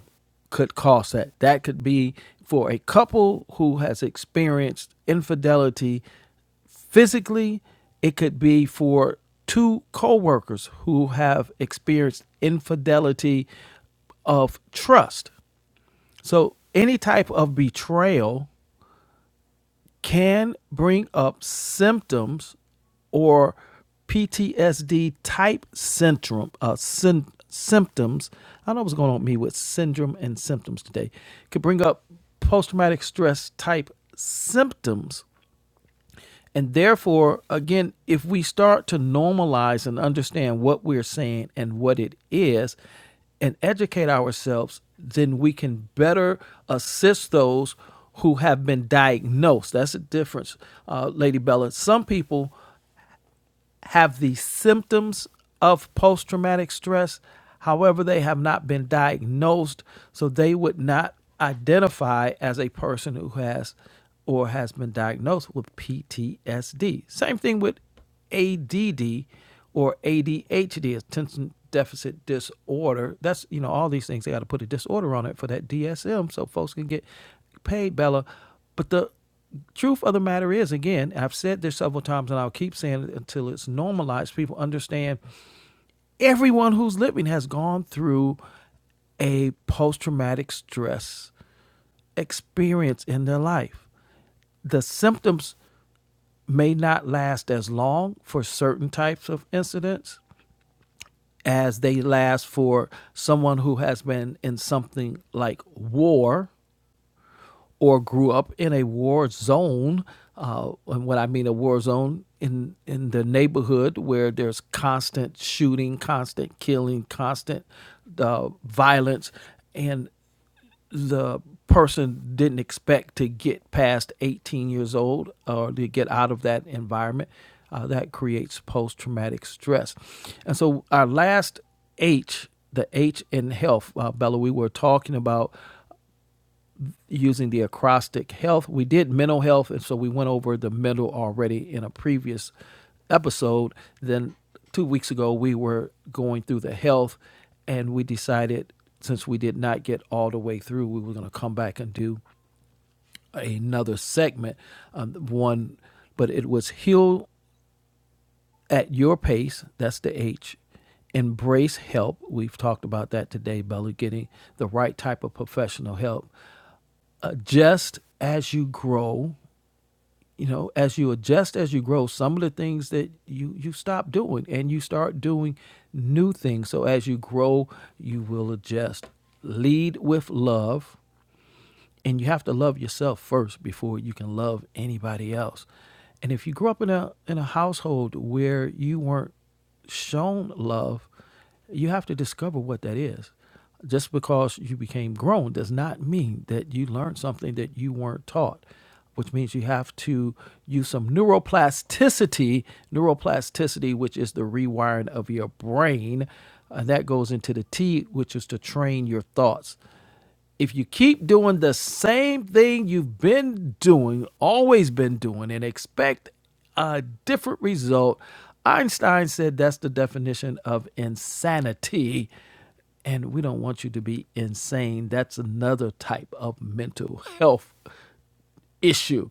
Speaker 2: could cause that. That could be for a couple who has experienced infidelity physically it could be for two co-workers who have experienced infidelity of trust so any type of betrayal can bring up symptoms or PTSD type syndrome uh, syn- symptoms. I don't know what's going on with me with syndrome and symptoms today. Could bring up post traumatic stress type symptoms and therefore, again, if we start to normalize and understand what we're saying and what it is and educate ourselves, then we can better assist those who have been diagnosed. That's the difference, uh, Lady Bella. Some people have the symptoms of post traumatic stress. However, they have not been diagnosed, so they would not identify as a person who has or has been diagnosed with PTSD. Same thing with ADD or ADHD, attention deficit disorder. That's, you know, all these things, they got to put a disorder on it for that DSM so folks can get paid, Bella. But the truth of the matter is, again, I've said this several times and I'll keep saying it until it's normalized. People understand everyone who's living has gone through a post traumatic stress experience in their life. The symptoms may not last as long for certain types of incidents as they last for someone who has been in something like war or grew up in a war zone. Uh, and what I mean a war zone, in in the neighborhood where there's constant shooting, constant killing, constant uh, violence, and the person didn't expect to get past 18 years old or to get out of that environment, uh, that creates post traumatic stress. And so, our last H, the H in health, uh, Bella, we were talking about using the acrostic health. We did mental health, and so we went over the mental already in a previous episode. Then two weeks ago, we were going through the health, and we decided since we did not get all the way through, we were going to come back and do another segment. Um, one, but it was heal at your pace. That's the H. Embrace help. We've talked about that today, Bella, getting the right type of professional help. Adjust as you grow you know as you adjust as you grow some of the things that you you stop doing and you start doing new things so as you grow you will adjust lead with love and you have to love yourself first before you can love anybody else and if you grew up in a in a household where you weren't shown love you have to discover what that is just because you became grown does not mean that you learned something that you weren't taught which means you have to use some neuroplasticity neuroplasticity which is the rewiring of your brain and that goes into the t which is to train your thoughts if you keep doing the same thing you've been doing, always been doing, and expect a different result, Einstein said that's the definition of insanity. And we don't want you to be insane. That's another type of mental health issue.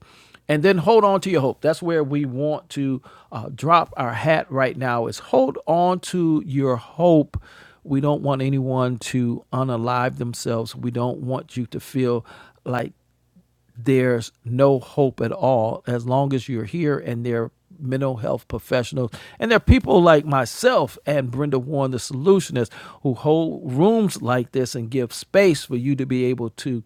Speaker 2: And then hold on to your hope. That's where we want to uh, drop our hat right now is hold on to your hope. We don't want anyone to unalive themselves. We don't want you to feel like there's no hope at all as long as you're here and there are mental health professionals and there are people like myself and Brenda Warren the solutionist who hold rooms like this and give space for you to be able to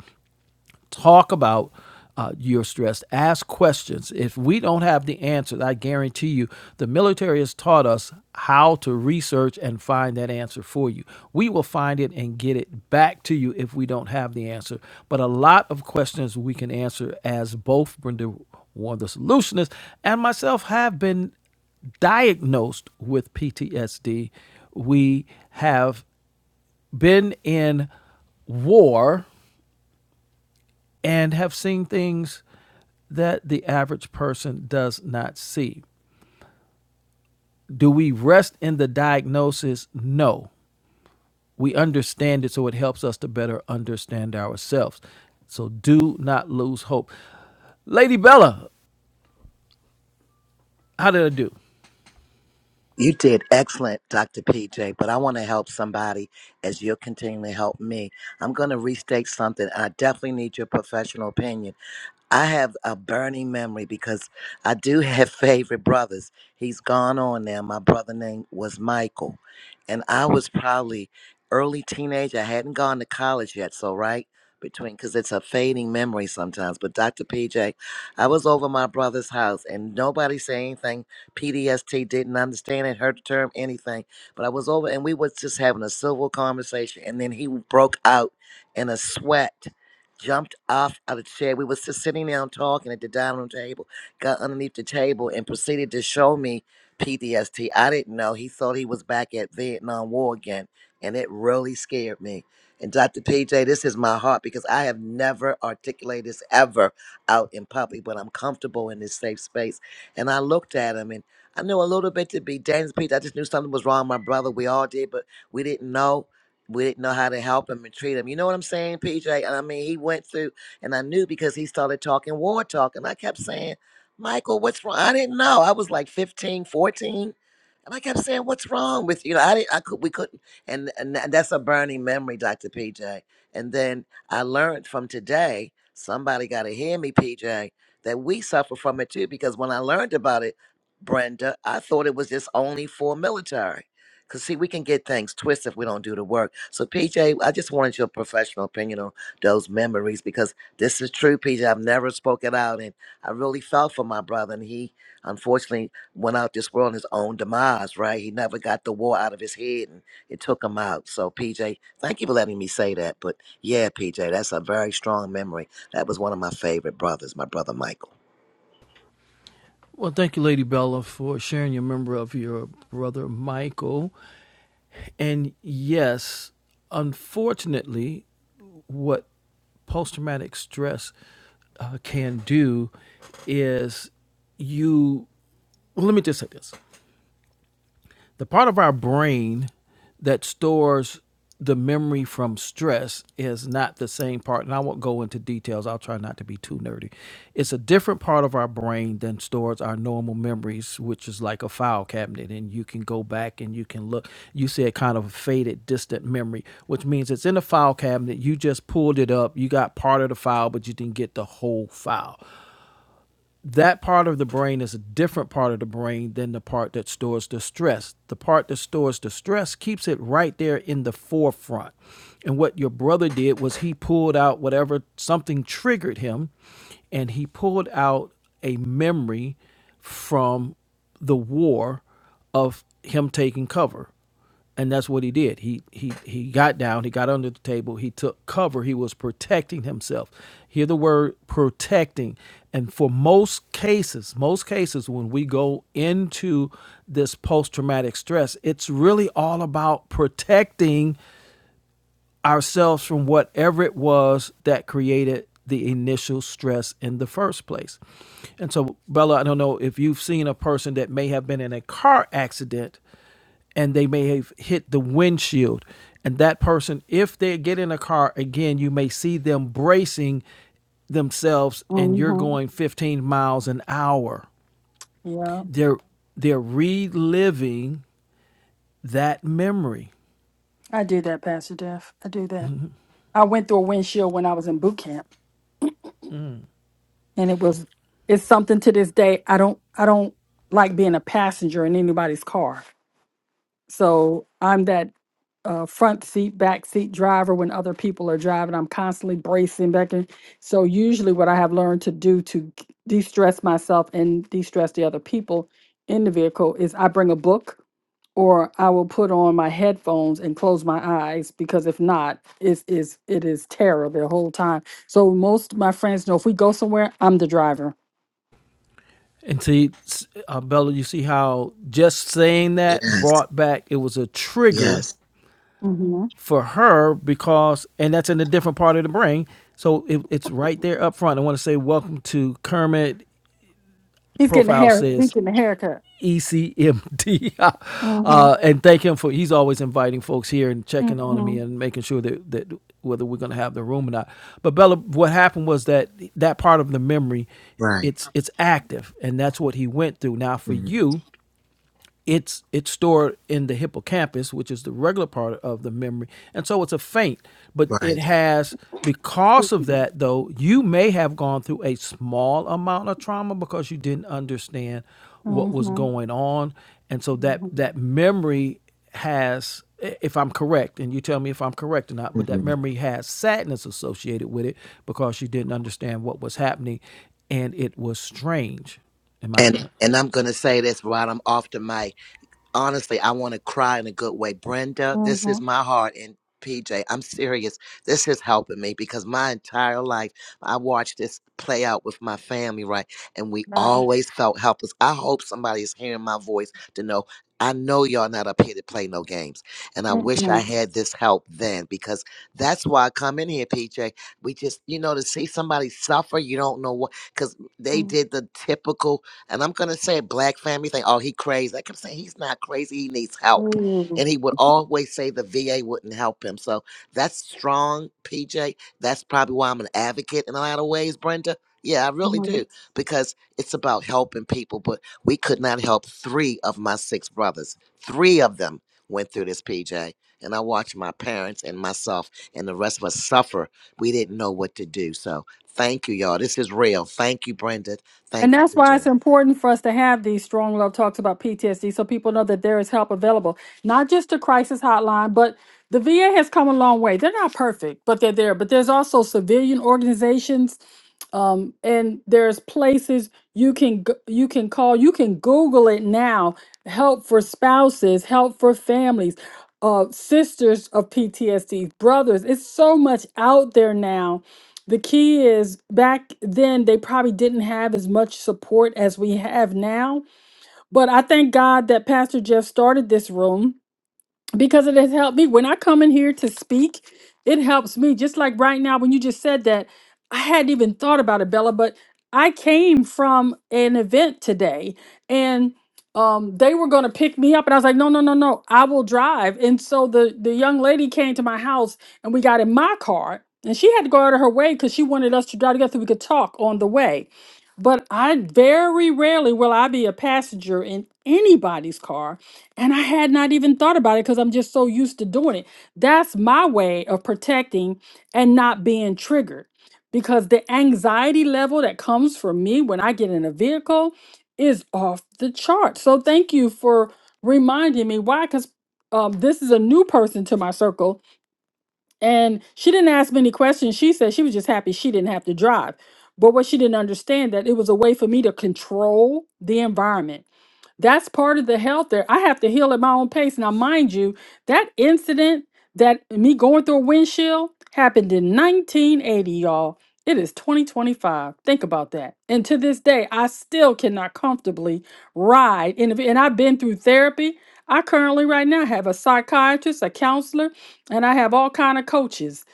Speaker 2: talk about uh, your stress, ask questions. If we don't have the answers, I guarantee you, the military has taught us how to research and find that answer for you. We will find it and get it back to you if we don't have the answer. But a lot of questions we can answer, as both Brenda Warren, the solutionist, and myself have been diagnosed with PTSD. We have been in war and have seen things that the average person does not see. Do we rest in the diagnosis? No. We understand it so it helps us to better understand ourselves. So do not lose hope. Lady Bella, how did I do?
Speaker 3: You did excellent, Dr. PJ, but I want to help somebody as you're continuing to help me. I'm going to restate something. and I definitely need your professional opinion. I have a burning memory because I do have favorite brothers. He's gone on now. My brother name was Michael. And I was probably early teenager. I hadn't gone to college yet. So, right between, because it's a fading memory sometimes. But Dr. PJ, I was over my brother's house and nobody said anything. PDST didn't understand it, heard the term, anything. But I was over and we was just having a civil conversation. And then he broke out in a sweat jumped off of the chair. We was just sitting down talking at the dining room table, got underneath the table and proceeded to show me PTSD. I didn't know. He thought he was back at Vietnam War again. And it really scared me. And Dr. PJ, this is my heart because I have never articulated this ever out in public, but I'm comfortable in this safe space. And I looked at him and I knew a little bit to be dangerous. PJ, I just knew something was wrong. with My brother, we all did, but we didn't know we didn't know how to help him and treat him. You know what I'm saying, PJ? And I mean, he went through, and I knew because he started talking war talk. And I kept saying, Michael, what's wrong? I didn't know. I was like 15, 14. And I kept saying, what's wrong with you? know, I didn't, I could, we couldn't. And, and tha- that's a burning memory, Dr. PJ. And then I learned from today, somebody got to hear me, PJ, that we suffer from it too. Because when I learned about it, Brenda, I thought it was just only for military. Cause see, we can get things twisted if we don't do the work. So PJ, I just wanted your professional opinion on those memories because this is true, PJ. I've never spoken out and I really felt for my brother. And he unfortunately went out this world on his own demise, right? He never got the war out of his head and it took him out. So PJ, thank you for letting me say that. But yeah, PJ, that's a very strong memory. That was one of my favorite brothers, my brother Michael.
Speaker 2: Well, thank you, Lady Bella, for sharing your member of your brother Michael. And yes, unfortunately, what post traumatic stress uh, can do is you. Well, let me just say this the part of our brain that stores the memory from stress is not the same part and i won't go into details i'll try not to be too nerdy it's a different part of our brain than stores our normal memories which is like a file cabinet and you can go back and you can look you see a kind of faded distant memory which means it's in a file cabinet you just pulled it up you got part of the file but you didn't get the whole file that part of the brain is a different part of the brain than the part that stores the stress. The part that stores the stress keeps it right there in the forefront. And what your brother did was he pulled out whatever something triggered him and he pulled out a memory from the war of him taking cover and that's what he did. He he he got down. He got under the table. He took cover. He was protecting himself. Hear the word protecting. And for most cases, most cases when we go into this post traumatic stress, it's really all about protecting ourselves from whatever it was that created the initial stress in the first place. And so, Bella, I don't know if you've seen a person that may have been in a car accident and they may have hit the windshield. And that person, if they get in a car again, you may see them bracing themselves and you're
Speaker 1: hmm
Speaker 2: going 15 miles an hour.
Speaker 1: Yeah,
Speaker 2: They're they're reliving that memory.
Speaker 1: I do that, Pastor Jeff. I do that. I went through a windshield when I was in boot camp, and it was it's something to this day. I don't I don't like being a passenger in anybody's car. So I'm that uh, front seat, back seat driver when other people are driving. I'm constantly bracing back and so usually what I have learned to do to de-stress myself and de-stress the other people in the vehicle is I bring a book or I will put on my headphones and close my eyes because if not, it's is it is terror the whole time. So most of my friends know if we go somewhere, I'm the driver.
Speaker 2: And see, uh, Bella, you see how just saying that
Speaker 3: Yes.
Speaker 2: brought back, it was a trigger
Speaker 3: Yes,
Speaker 1: hmm
Speaker 2: for her because, and that's in a different part of the brain. So it, it's right there up front. I want to say, welcome to Kermit.
Speaker 1: He's getting a
Speaker 2: Profile
Speaker 1: hair. He's
Speaker 2: says
Speaker 1: getting a haircut.
Speaker 2: ECMD.
Speaker 1: Mm-hmm.
Speaker 2: uh, and thank him for, he's always inviting folks here and checking on me
Speaker 1: Mm-hmm.
Speaker 2: and making sure that, that whether we're going to have the room or not. But Bella, what happened was that that part of the memory,
Speaker 3: right,
Speaker 2: it's it's active and that's what he went through now for
Speaker 3: mhm,
Speaker 2: you it's it's stored in the hippocampus, which is the regular part of the memory, and so it's a faint. But it
Speaker 3: right.
Speaker 2: has because of that though, you may have gone through a small amount of trauma because you didn't understand what was
Speaker 1: Mm-hmm.
Speaker 2: going on, and so that that memory has if I'm correct, and you tell me if I'm correct or not, but that
Speaker 3: hmm
Speaker 2: memory has sadness associated with it because you didn't understand what was happening and it was strange. Am I? uh,
Speaker 3: And and I'm gonna say this while I'm off the mic. honestly, I want to cry in a good way. Brenda, this
Speaker 1: Mm-hmm.
Speaker 3: is my heart. And PJ, I'm serious. This is helping me because my entire life, I watched this play out with my family, right? And we
Speaker 1: Right.
Speaker 3: always felt helpless. I hope somebody's hearing my voice to know. I know y'all not up here to play no games. And I wish I
Speaker 1: Mm-hmm.
Speaker 3: had this help then because that's why I come in here, PJ. We just, you know, to see somebody suffer, you don't know what, because they did the typical and I'm gonna say black family think, oh, he crazy. I kept saying he's not crazy, he needs help. And he would always say the VA wouldn't help him. So that's strong, PJ. That's probably why I'm an advocate in a lot of ways, Brenda. Yeah, I really
Speaker 1: Mm-hmm.
Speaker 3: do. Because it's about helping people, but we could not help three of my six brothers. Three of them went through this, PJ. And I watched my parents and myself and the rest of us suffer. We didn't know what to do. So thank you, y'all. This is real. Thank you, Brenda.
Speaker 1: And
Speaker 3: Thank you,
Speaker 1: that's why
Speaker 3: PJ.
Speaker 1: it's important for us to have these strong love talks about PTSD so people know that there is help available, not just the crisis hotline, but the VA has come a long way. They're not perfect, but they're there. But there's also civilian organizations, um, and there's places you can go- you can call, you can Google it now. Help for spouses, help for families, uh, sisters of PTSD, brothers. It's so much out there now the key is back then they probably didn't have as much support as we have now. But I thank God that Pastor Jeff started this room because it has helped me when i come in here to speak it helps me just like right now when you just said that i hadn't even thought about it bella but i came from an event today and um, they were going to pick me up and i was like no no no no i will drive and so the the young lady came to my house and we got in my car and she had to go out of her way because she wanted us to drive together so we could talk on the way but i very rarely will i be a passenger in anybody's car and I had not even thought about it because I'm just so used to doing it. That's my way of protecting and not being triggered because the anxiety level that comes from me when I get in a vehicle is off the chart. So thank you for reminding me why, because um, this is a new person to my circle and she didn't ask many questions. She said she was just happy she didn't have to drive. But what she didn't understand that it was a way for me to control the environment that's part of the health there. I have to heal at my own pace. Now, mind you, that incident that me going through a windshield happened in 1980, y'all. It is 2025. Think about that. And to this day, I still cannot comfortably ride. And, if, and I've been through therapy. I currently right now have a psychiatrist, a counselor, and I have all kind of coaches.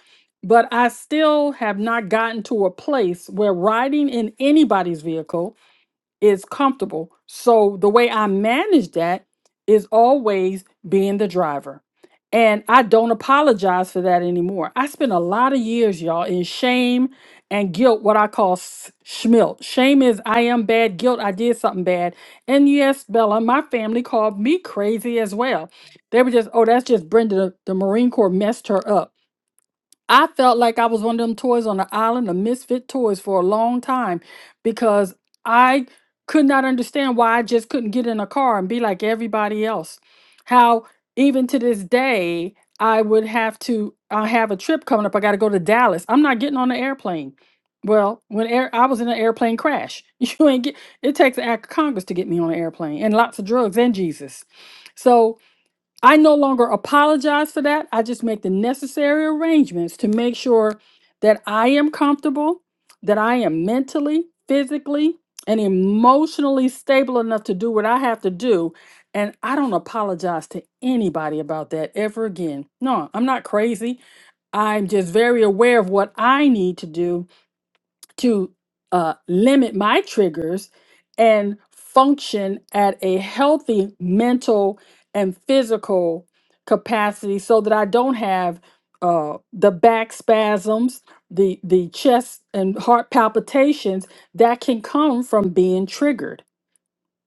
Speaker 1: But I still have not gotten to a place where riding in anybody's vehicle is comfortable. So the way I manage that is always being the driver. And I don't apologize for that anymore. I spent a lot of years, y'all, in shame and guilt, what I call s- schmilt. Shame is I am bad, guilt, I did something bad. And yes, Bella, my family called me crazy as well. They were just, oh, that's just Brenda, the Marine Corps messed her up. I felt like I was one of them toys on the island of misfit toys for a long time because I could not understand why I just couldn't get in a car and be like everybody else. How even to this day, I would have to I have a trip coming up. I got to go to Dallas. I'm not getting on an airplane. Well, when air, I was in an airplane crash, you ain't get. It takes an act of Congress to get me on an airplane, and lots of drugs and Jesus. So I no longer apologize for that. I just make the necessary arrangements to make sure that I am comfortable, that I am mentally, physically, and emotionally stable enough to do what I have to do. And I don't apologize to anybody about that ever again. No, I'm not crazy. I'm just very aware of what I need to do to uh, limit my triggers and function at a healthy mental and physical capacity so that I don't have uh, the back spasms, the, the chest and heart palpitations that can come from being triggered.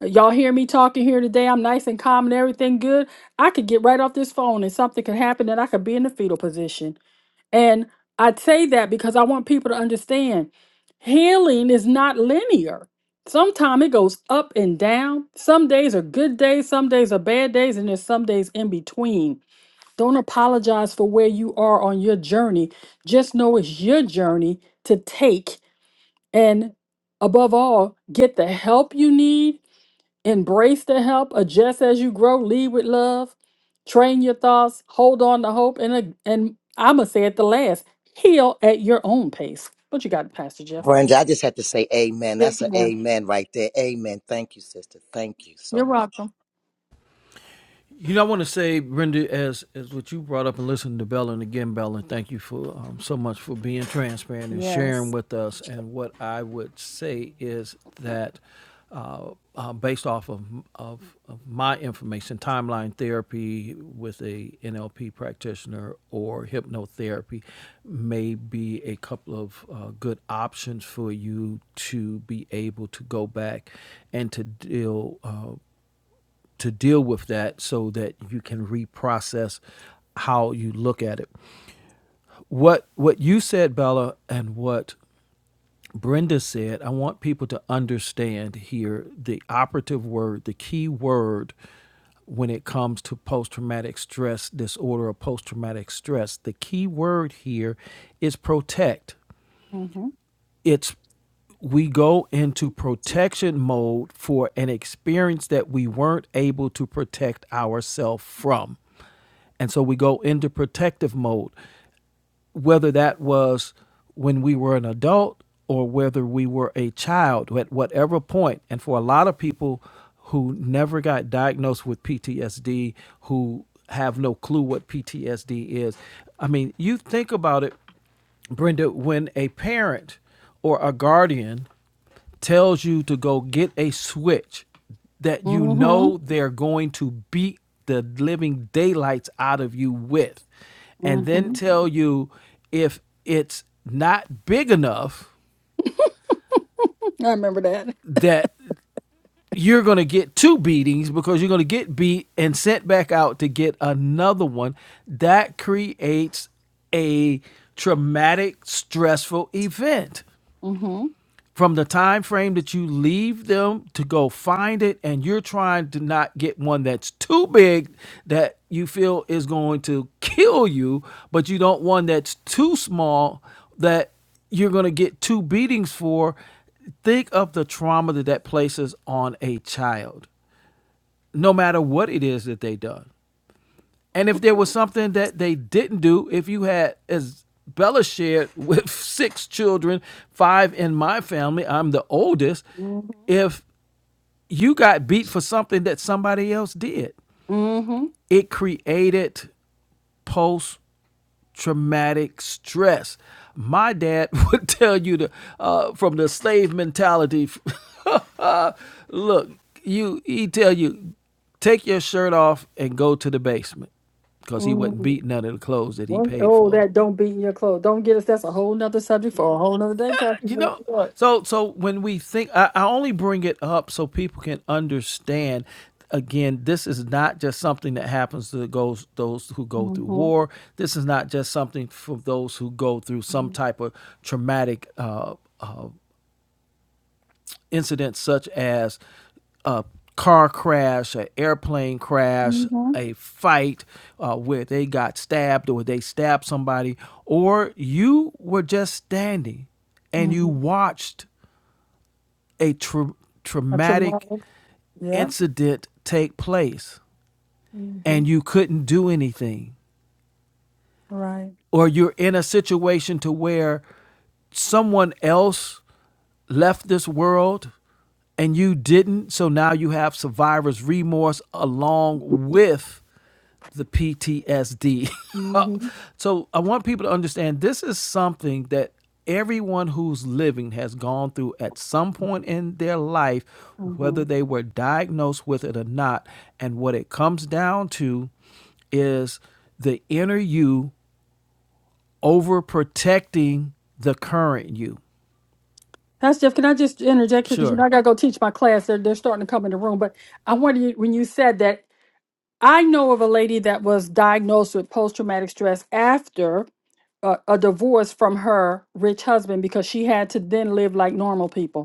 Speaker 1: Y'all hear me talking here today? I'm nice and calm and everything good. I could get right off this phone and something could happen and I could be in the fetal position and I say that because I want people to understand healing is not linear. Sometimes it goes up and down. Some days are good days, some days are bad days, and there's some days in between. Don't apologize for where you are on your journey. Just know it's your journey to take and above all, get the help you need Embrace the help, adjust as you grow, lead with love, train your thoughts, hold on to hope, and a- and I'm gonna say at the last, heal at your own pace. What you got, Pastor Jeff?
Speaker 3: Brenda, I just have to say amen.
Speaker 1: Yes,
Speaker 3: That's an
Speaker 1: ma'am.
Speaker 3: amen right there. Amen. Thank you, sister. Thank you so much.
Speaker 1: You're welcome.
Speaker 2: You know, I want to say, Brenda, as as what you brought up and listening to Bella, and again, Bella, thank you for um, so much for being transparent and sharing
Speaker 1: Yes.
Speaker 2: with us. And what I would say is that, uh, uh, based off of, of of my information, timeline therapy with a NLP practitioner or hypnotherapy may be a couple of uh, good options for you to be able to go back and to deal. Uh, to deal with that so that you can reprocess how you look at it. What what you said, Bella, and what Brenda said, I want people to understand here the operative word, the key word when it comes to post traumatic stress disorder or post traumatic stress. The key word here is protect
Speaker 1: Mm-hmm.
Speaker 2: it's we go into protection mode for an experience that we weren't able to protect ourselves from. And so we go into protective mode, whether that was when we were an adult or whether we were a child, at whatever point. And for a lot of people who never got diagnosed with PTSD, who have no clue what PTSD is, I mean, you think about it Brenda, when a parent or a guardian tells you to go get a switch that you
Speaker 1: Mm-hmm.
Speaker 2: know they're going to beat the living daylights out of you with, and then
Speaker 1: Mm-hmm.
Speaker 2: tell you if it's not big enough
Speaker 1: I remember that.
Speaker 2: that you're going to get two beatings because you're going to get beat and sent back out to get another one, that creates a traumatic, stressful event.
Speaker 1: Mm-hmm.
Speaker 2: from the time frame that you leave them to go find it and you're trying to not get one that's too big that you feel is going to kill you but you don't want that's too small that you're going to get two beatings for think of the trauma that that places on a child no matter what it is that they done and if there was something that they didn't do, if you had, as Bella shared, with six children, five in my family, I'm the oldest.
Speaker 1: Mm-hmm.
Speaker 2: If you got beat for something that somebody else did,
Speaker 1: Mm-hmm.
Speaker 2: it created post traumatic stress. My dad would tell you to, uh, from the slave mentality. look, you he tell you take your shirt off and go to the basement because he wasn't
Speaker 1: Mm-hmm.
Speaker 2: beat none of the clothes that he paid
Speaker 1: Oh,
Speaker 2: for.
Speaker 1: that don't beat in your clothes. Don't get us. That's a whole nother subject for a whole nother day, Pastor
Speaker 2: You
Speaker 1: Jeff.
Speaker 2: know,
Speaker 1: Look.
Speaker 2: so so when we think, I, I only bring it up so people can understand. Again, this is not just something that happens to those those who go through
Speaker 1: Mm-hmm.
Speaker 2: war. This is not just something for those who go through some
Speaker 1: Mm-hmm.
Speaker 2: type of traumatic uh, incident, such as a car crash, an airplane crash,
Speaker 1: Mm-hmm.
Speaker 2: a fight uh, where they got stabbed or they stabbed somebody, or you were just standing and you
Speaker 1: Mm-hmm.
Speaker 2: watched a tra-
Speaker 1: A
Speaker 2: traumatic
Speaker 1: traumatic. Yep.
Speaker 2: incident take place
Speaker 1: Mm-hmm.
Speaker 2: and you couldn't do anything
Speaker 1: Right.
Speaker 2: or you're in a situation to where someone else left this world and you didn't so now you have survivor's remorse along with the PTSD.
Speaker 1: Mm-hmm.
Speaker 2: so I want people to understand this is something that everyone who's living has gone through at some point in their life, whether
Speaker 1: Uh-huh.
Speaker 2: they were diagnosed with it or not. And what it comes down to is the inner you overprotecting the current you.
Speaker 1: Pastor Jeff, can I just interject here because you
Speaker 2: Sure.
Speaker 1: know I gotta go teach my class. They're they're starting to come in the room. But I wanted you when you said that I know of a lady that was diagnosed with post traumatic stress after a, a divorce from her rich husband because she had to then live like normal people.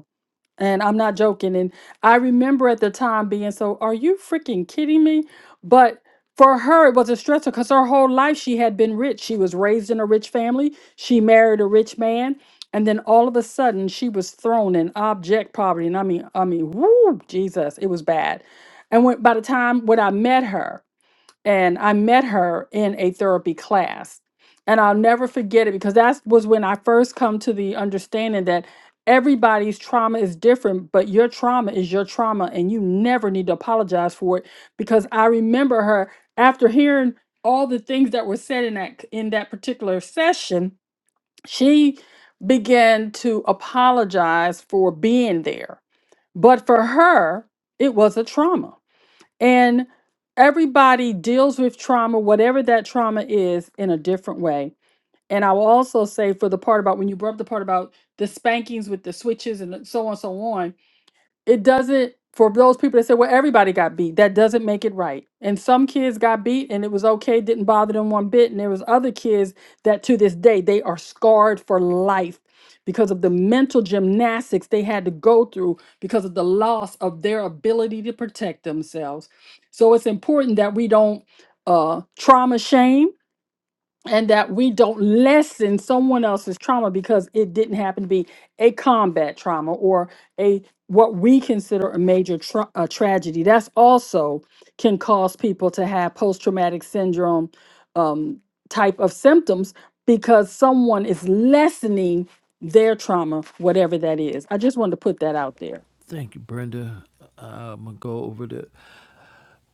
Speaker 1: And I'm not joking. And I remember at the time being so, are you freaking kidding me? But for her, it was a stressor because her whole life she had been rich. She was raised in a rich family. She married a rich man. And then all of a sudden she was thrown in object poverty. And I mean, I mean, whoo, Jesus, it was bad. And when by the time when I met her, and I met her in a therapy class. And I'll never forget it because that was when I first come to the understanding that everybody's trauma is different, but your trauma is your trauma and you never need to apologize for it because I remember her after hearing all the things that were said in that in that particular session, she began to apologize for being there. But for her, it was a trauma and everybody deals with trauma, whatever that trauma is, in a different way. And I will also say for the part about when you brought up the part about the spankings with the switches and so on, so on it doesn't for those people that say well everybody got beat that doesn't make it right and some kids got beat and it was okay didn't bother them one bit and there was other kids that to this day they are scarred for life because of the mental gymnastics they had to go through because of the loss of their ability to protect themselves so it's important that we don't uh, trauma shame and that we don't lessen someone else's trauma because it didn't happen to be a combat trauma or a what we consider a major tra- uh, tragedy that's also can cause people to have post-traumatic syndrome um, type of symptoms because someone is lessening their trauma whatever that is i just wanted to put that out there
Speaker 2: Thank you, Brenda. Uh, I'm going to go over the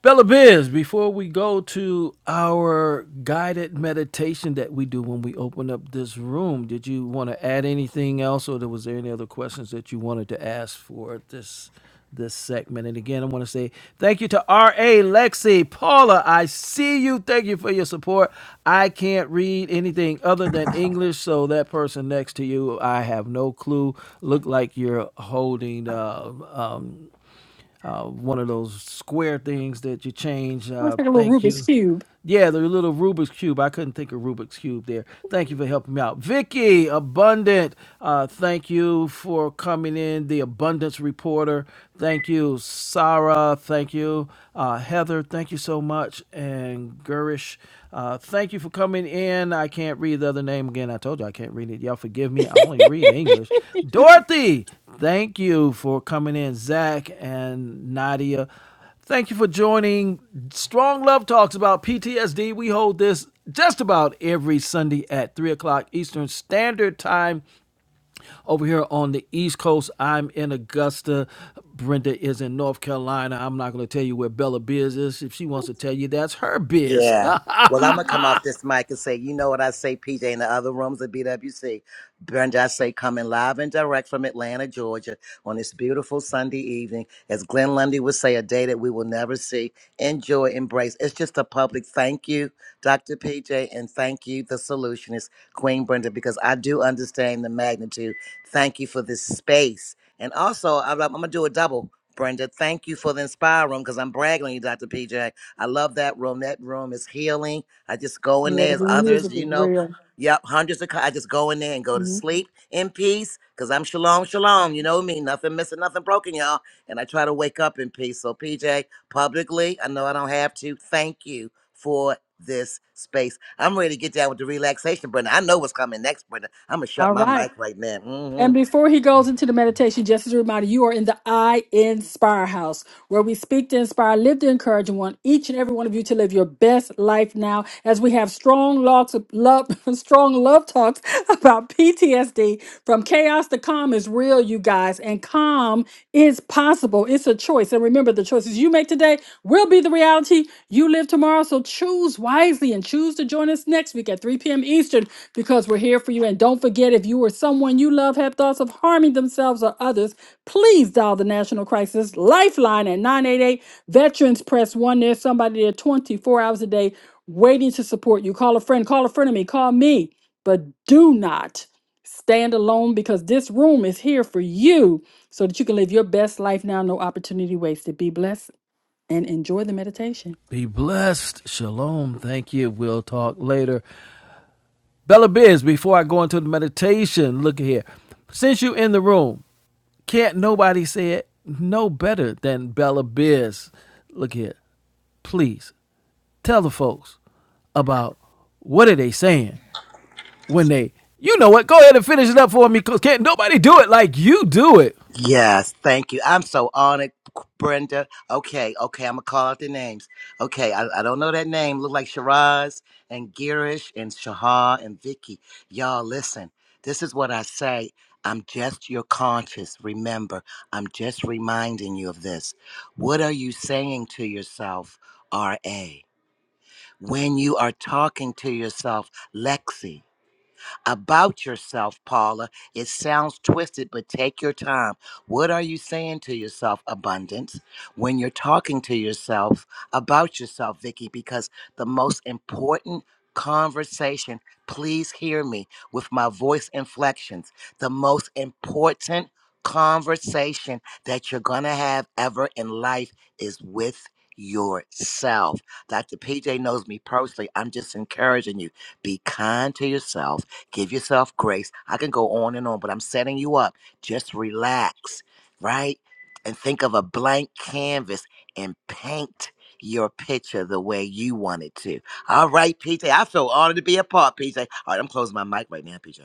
Speaker 2: Bella Biz, before we go to our guided meditation that we do when we open up this room, did you want to add anything else or there was there any other questions that you wanted to ask for this this segment? And again, I want to say thank you to R.A. Lexi. Paula, I see you. Thank you for your support. I can't read anything other than English, so that person next to you, I have no clue. Look like you're holding uh, um, uh, one of those square things that you change.
Speaker 1: looks
Speaker 2: Uh,
Speaker 1: like a little
Speaker 2: thank
Speaker 1: rubik's
Speaker 2: you.
Speaker 1: cube
Speaker 2: Yeah, the little Rubik's Cube. I couldn't think of Rubik's Cube there. Thank you for helping me out. Vicky, Abundant, uh, thank you for coming in. The Abundance Reporter, thank you. Sarah, thank you. Uh, Heather, thank you so much. And Gurish, uh, thank you for coming in. I can't read the other name again. I told you I can't read it. Y'all forgive me. I only read English. Dorothy, thank you for coming in. Zach and Nadia, thank you for joining. Strong Love Talks about PTSD. We hold this just about every Sunday at 3 o'clock Eastern Standard Time over here on the East Coast. I'm in Augusta. Brenda is in North Carolina. I'm not going to tell you where Bella Biz is. If she wants to tell you, that's her biz.
Speaker 3: Yeah. Well, I'm gonna
Speaker 1: Mm-hmm.
Speaker 3: come off this mic and say, you know what I say, PJ, in the other rooms of BWC. Brenda, I say, coming live and direct from Atlanta, Georgia, on this beautiful Sunday evening, as Glenn Lundy would say, a day that we will never see. Enjoy, embrace. It's just a public thank you, Dr. PJ, and thank you, the solutionist, Queen Brenda, because I do understand the magnitude. Thank you for this space, and also I'm, I'm gonna do a double. Brenda, thank you for the Inspire Room because I'm bragging on you, Dr. PJ. I love that room. That room is healing. I just go in
Speaker 1: yeah
Speaker 3: there.
Speaker 1: the
Speaker 3: There's others,
Speaker 1: music
Speaker 3: you
Speaker 1: is
Speaker 3: know.
Speaker 1: real
Speaker 3: Yep, hundreds of. co- I just go in there and go to sleep in peace because I'm shalom, shalom. You know me, nothing missing, nothing broken, y'all. And I try to wake up in peace. So, PJ, publicly, I know I don't have to. Thank you for this space. I'm ready to get down with the relaxation, Brenda. I know what's coming next, Brenda. I'm gonna shut
Speaker 1: All
Speaker 3: my
Speaker 1: right.
Speaker 3: mic right now. Mm-hmm.
Speaker 1: And before he goes into the meditation, just as a reminder, you are in the I Inspire House, where we speak to inspire, live to encourage, and want each and every one of you to live your best life now. As we have strong logs of love, strong love talks about PTSD from chaos to calm is real, you guys, and calm is possible. It's a choice, and remember, the choices you make today will be the reality you live tomorrow. So choose wisely and choose to join us next week at 3 p.m. Eastern. because we're here for you. And don't forget, if you or someone you love have thoughts of harming themselves or others, please dial the National Crisis Lifeline at 988 Veterans Press 1. There's somebody there 24 hours a day waiting to support you. Call a friend, call a friend of me, call me, but do not stand alone because this room is here for you so that you can live your best life now. No opportunity wasted. Be blessed and enjoy the meditation.
Speaker 2: Be blessed. Shalom. Thank you. We'll talk later. Bella Biz, before I go into the meditation, look here. Since you in the room, can't nobody say it no better than Bella Biz. Look here. Please tell the folks about what are they saying when they you know what? Go ahead and finish it up for me, cause can't nobody do it like you do it.
Speaker 3: Yes, thank you. I'm so honored, Brenda. Okay, okay, I'm gonna call out the names. Okay, I, I don't know that name. Look like Shiraz and Girish and Shahar and Vicky. Y'all, listen. This is what I say. I'm just your conscious. Remember, I'm just reminding you of this. What are you saying to yourself, R.A.? When you are talking to yourself, Lexi? about yourself, Paula. It sounds twisted, but take your time. What are you saying to yourself, abundance, when you're talking to yourself about yourself, Vicky? Because the most important conversation, please hear me with my voice inflections, the most important conversation that you're going to have ever in life is with yourself. Dr. PJ knows me personally. I'm just encouraging you. Be kind to yourself Give yourself grace. I can go on and on, but I'm setting you up. Just relax, right? And think of a blank canvas and paint your picture the way you want it to. All right, PJ. I feel honored to be a part, PJ. All right, I'm closing my mic right now, PJ.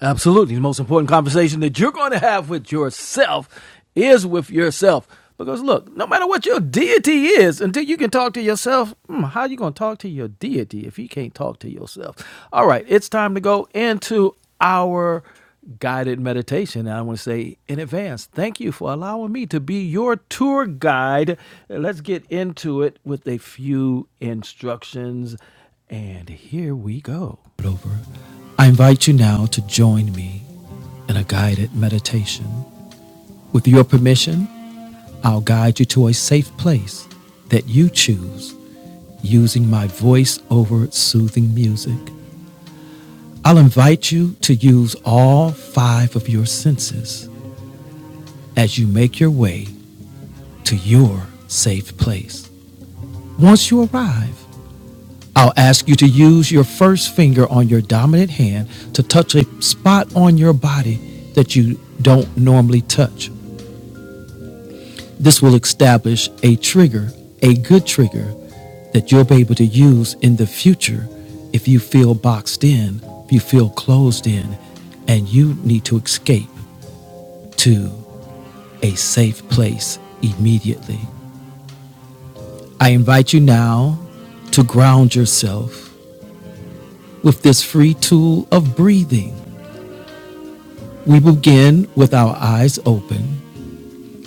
Speaker 2: Absolutely. The most important conversation that you're going to have with yourself is with yourself. Because look, no matter what your deity is, until you can talk to yourself, hmm, how are you going to talk to your deity if you can't talk to yourself? All right, it's time to go into our guided meditation. And I want to say in advance, thank you for allowing me to be your tour guide. Let's get into it with a few instructions and here we go. Over. I invite you now to join me in a guided meditation. With your permission, I'll guide you to a safe place that you choose using my voice over soothing music. I'll invite you to use all five of your senses as you make your way to your safe place. Once you arrive, I'll ask you to use your first finger on your dominant hand to touch a spot on your body that you don't normally touch. This will establish a trigger, a good trigger, that you'll be able to use in the future if you feel boxed in, if you feel closed in, and you need to escape to a safe place immediately. I invite you now to ground yourself with this free tool of breathing. We begin with our eyes open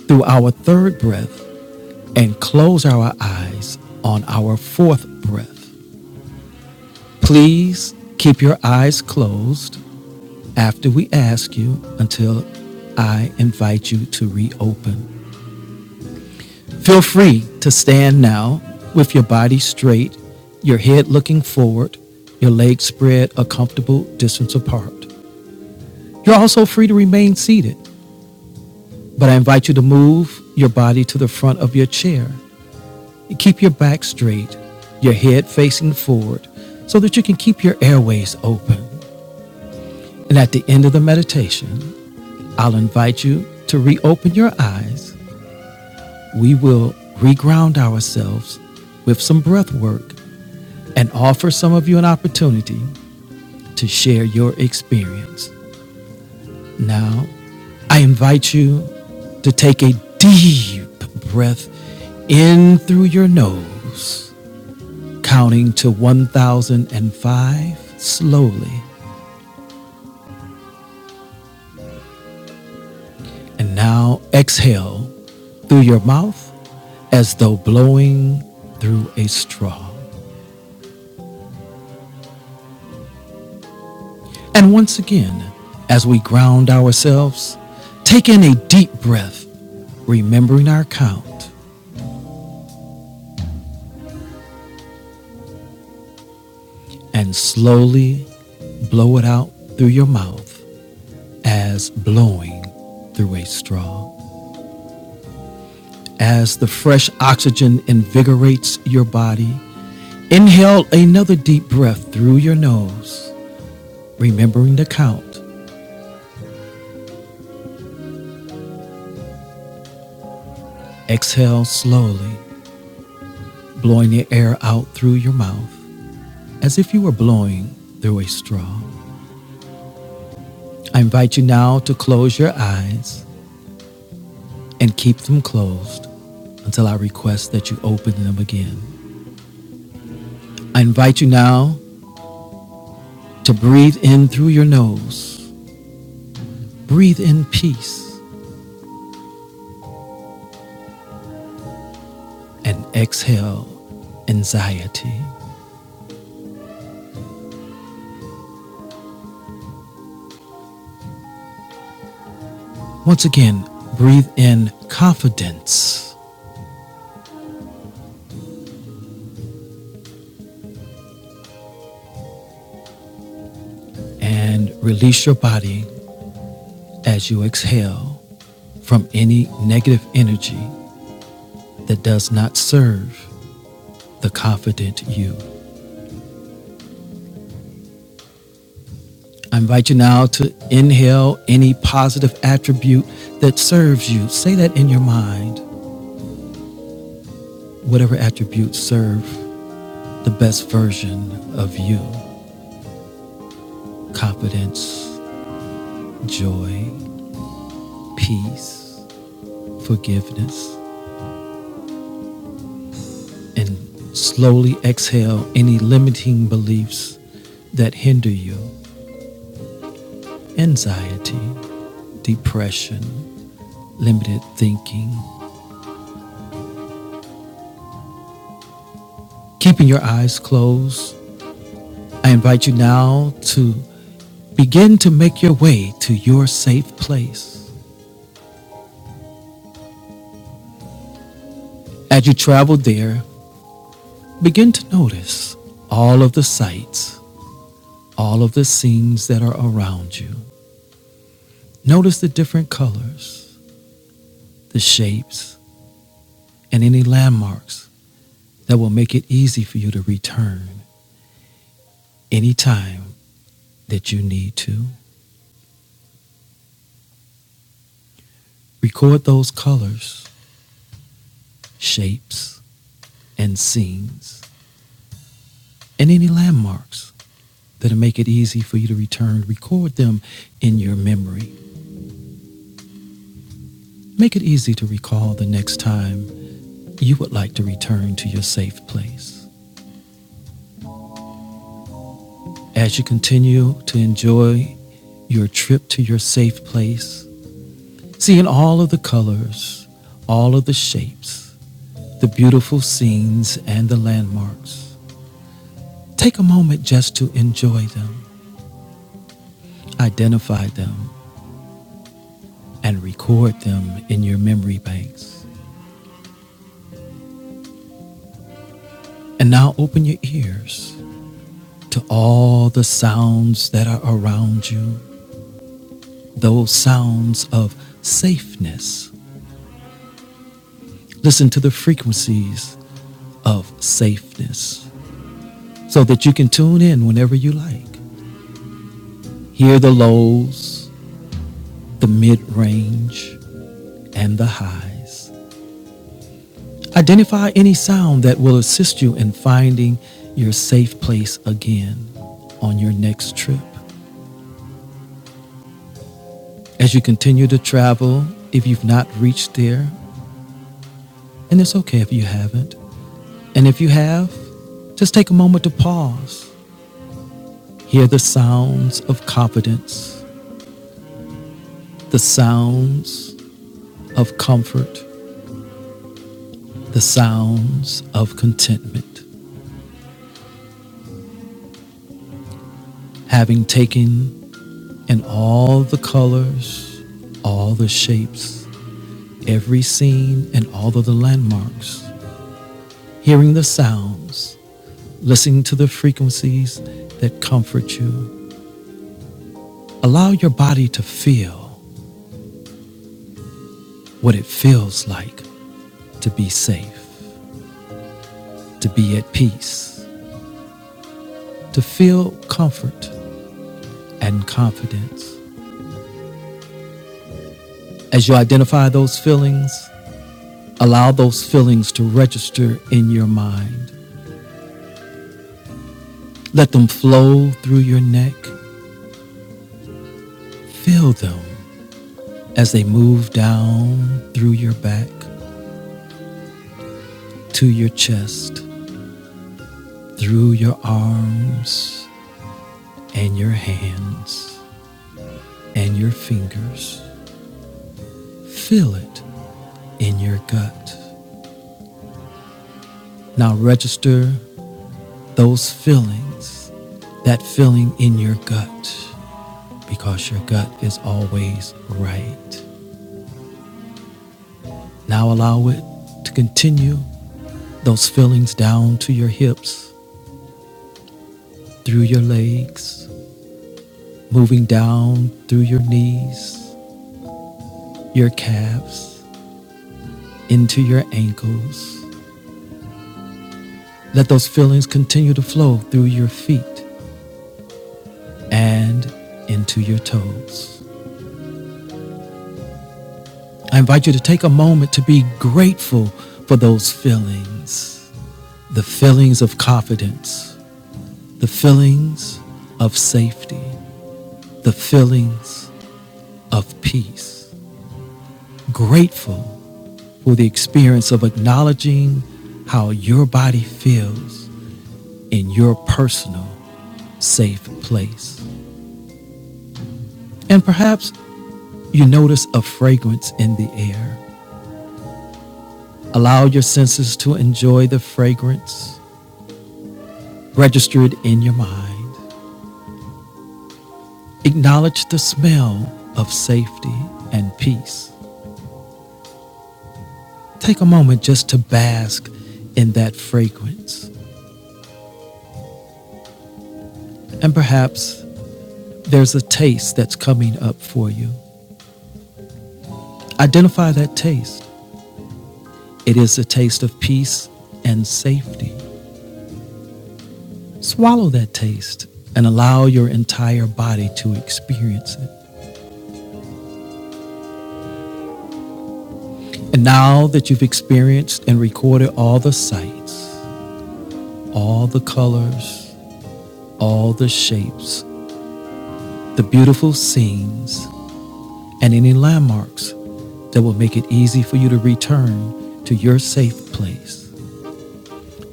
Speaker 2: through our third breath and close our eyes on our fourth breath. Please keep your eyes closed after we ask you until I invite you to reopen. Feel free to stand now with your body straight, your head looking forward, your legs spread a comfortable distance apart. You're also free to remain seated, but I invite you to move your body to the front of your chair You keep your back straight, your head facing forward, so that you can keep your airways open. And at the end of the meditation, I'll invite you to reopen your eyes. We will reground ourselves with some breath work and offer some of you an opportunity to share your experience. Now, I invite you to take a deep breath in through your nose counting to 1005 slowly, and now exhale through your mouth as though blowing through a straw. And once again, as we ground ourselves, take in a deep breath, remembering our count, and slowly blow it out through your mouth as blowing through a straw. As the fresh oxygen invigorates your body, Inhale another deep breath through your nose, remembering the count. Exhale slowly, blowing the air out through your mouth as if you were blowing through a straw. I invite you now to close your eyes and keep them closed until I request that you open them again. I invite you now to breathe in through your nose, breathe in peace, and exhale anxiety. Once again, breathe in confidence and release your body as you exhale from any negative energy that does not serve the confident you. I invite you now to inhale any positive attribute that serves you. Say that in your mind. Whatever attributes serve the best version of you confidence, joy, peace, forgiveness, and slowly exhale any limiting beliefs that hinder you anxiety, depression, limited thinking, keeping your eyes closed. I invite you now to begin to make your way to your safe place. As you travel there, begin to notice all of the sights, all of the scenes that are around you. Notice the different colors, the shapes, and any landmarks that will make it easy for you to return anytime that you need to. Record those colors shapes, and scenes, and any landmarks that'll make it easy for you to return. Record them in your memory. Make it easy to recall the next time you would like to return to your safe place. As you continue to enjoy your trip to your safe place, seeing all of the colors, all of the shapes, the beautiful scenes, and the landmarks, take a moment just to enjoy them, identify them, and record them in your memory banks. And now open your ears to all the sounds that are around you, those sounds of safeness. Listen to the frequencies of safeness so that you can tune in whenever you like. Hear the lows, the mid range, and the highs. Identify any sound that will assist you in finding your safe place again on your next trip As you continue to travel, if you've not reached there, and it's okay if you haven't, and if you have, just take a moment to pause. Hear the sounds of confidence, the sounds of comfort, the sounds of contentment. Having taken in all the colors, all the shapes, every scene, and all of the landmarks, hearing the sounds, listening to the frequencies that comfort you, Allow your body to feel what it feels like to be safe, to be at peace, to feel comfort and confidence. As you identify those feelings, allow those feelings to register in your mind. Let them flow through your neck. Feel them as they move down through your back, to your chest, through your arms and your hands and your fingers. Feel it in your gut. Now register those feelings, that feeling in your gut, because your gut is always right. Now allow it to continue those feelings down to your hips, through your legs, moving down through your knees, your calves, into your ankles. Let those feelings continue to flow through your feet and into your toes. I invite you to take a moment to be grateful for those feelings the feelings of confidence, the feelings of safety, the feelings of peace. Grateful for the experience of acknowledging how your body feels in your personal safe place. And perhaps you notice a fragrance in the air. Allow your senses to enjoy the fragrance registered in your mind. Acknowledge the smell of safety and peace. Take a moment just to bask in that fragrance. And perhaps there's a taste that's coming up for you. Identify that taste. It is the taste of peace and safety. Swallow that taste and allow your entire body to experience it. And now that you've experienced and recorded all the sights, all the colors, all the shapes, the beautiful scenes, and any landmarks that will make it easy for you to return to your safe place.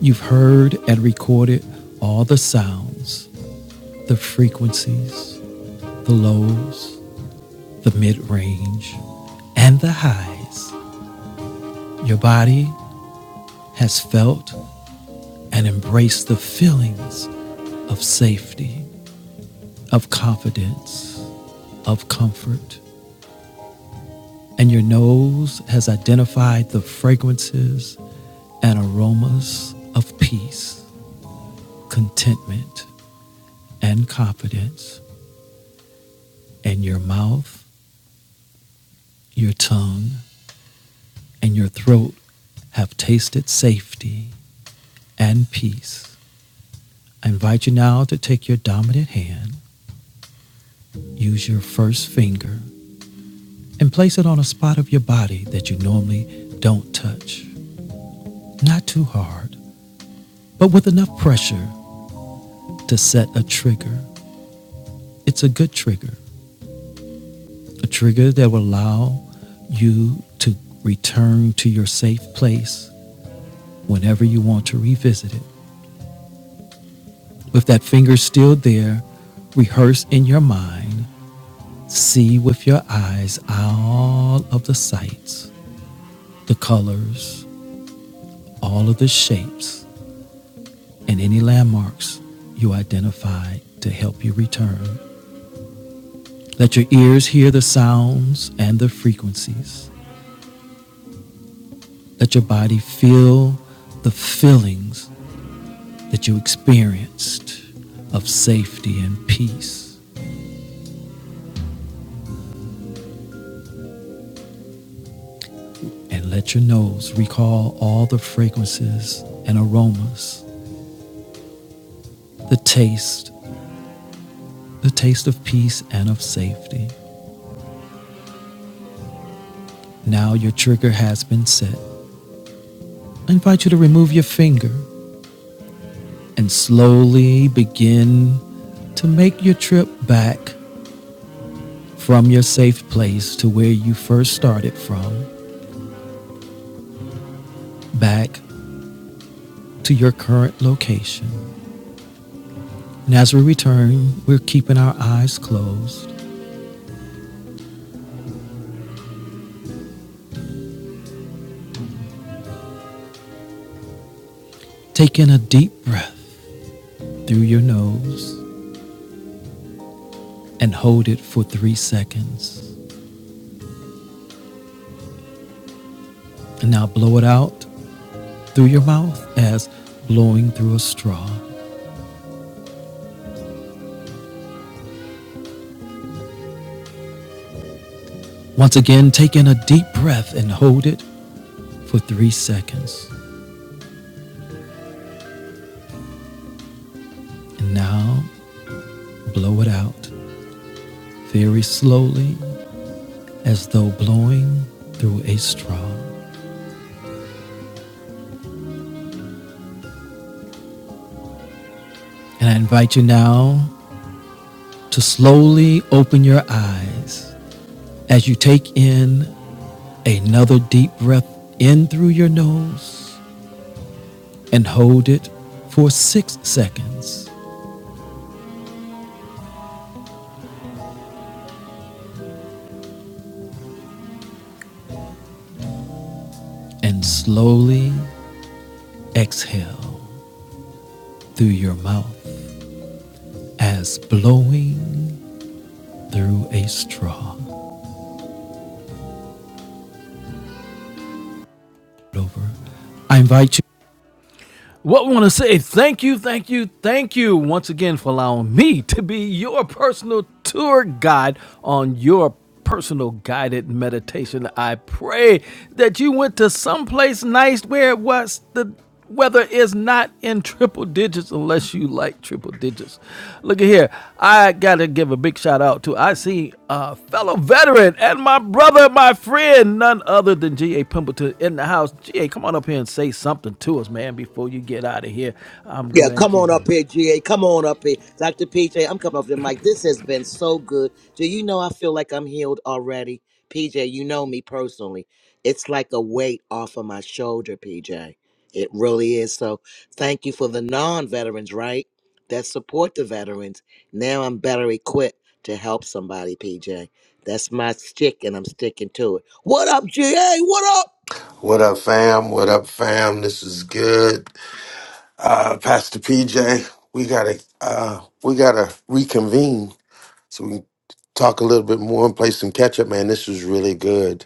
Speaker 2: You've heard and recorded all the sounds, the frequencies, the lows, the mid range, and the highs. Your body has felt and embraced the feelings of safety, of confidence, of comfort, and your nose has identified the fragrances and aromas of peace. contentment and confidence, and your mouth, your tongue, and your throat have tasted safety and peace. I invite you now to take your dominant hand, use your first finger, and place it on a spot of your body that you normally don't touch. Not too hard, but with enough pressure to set a trigger. It's a good trigger, a trigger that will allow you to return to your safe place whenever you want to revisit it. With that finger still there, rehearse in your mind, see with your eyes all of the sights, the colors, all of the shapes, and any landmarks you identified to help you return. Let your ears hear the sounds and the frequencies. Let your body feel the feelings that you experienced of safety and peace and let your nose recall all the fragrances and aromas, the taste, the taste of peace and of safety. Now your trigger has been set. I invite you to remove your finger and slowly begin to make your trip back from your safe place to where you first started from, back to your current location. And as we return, we're keeping our eyes closed. Take in a deep breath through your nose and hold it for three seconds. And now blow it out through your mouth as blowing through a straw. Once again, take in a deep breath and hold it for three seconds. And now blow it out very slowly as though blowing through a straw. And I invite you now to slowly open your eyes as you take in another deep breath in through your nose and hold it for six seconds and slowly exhale through your mouth as blowing through a straw. Over. I invite you. What we want to say? Thank you, thank you, thank you once again for allowing me to be your personal tour guide on your personal guided meditation. I pray that you went to someplace nice where it was the weather is not in triple. triple digits unless you like triple digits. Look at here. I got to give a big shout out to I see a fellow veteran and my brother, my friend, none other than G.A. Pimpleton in the house. G.A., come on up here and say something to us, man, before you get out of here. I'm
Speaker 3: Yeah,
Speaker 2: glad
Speaker 3: come on
Speaker 2: you
Speaker 3: up here, GA. Come on up here. Dr. PJ, I'm coming off the mic. This has been so good. Do you know I feel like I'm healed already? PJ, you know me personally. It's like a weight off of my shoulder, PJ. It really is. So thank you for the non veterans, right? That support the veterans. Now I'm better equipped to help somebody, PJ. That's my stick, and I'm sticking to it. What up, GA? What up?
Speaker 4: What up, fam? What up, fam? This is good. Uh, Pastor PJ, we gotta uh, we gotta reconvene so we can talk a little bit more and play some catch up. Man, this was really good.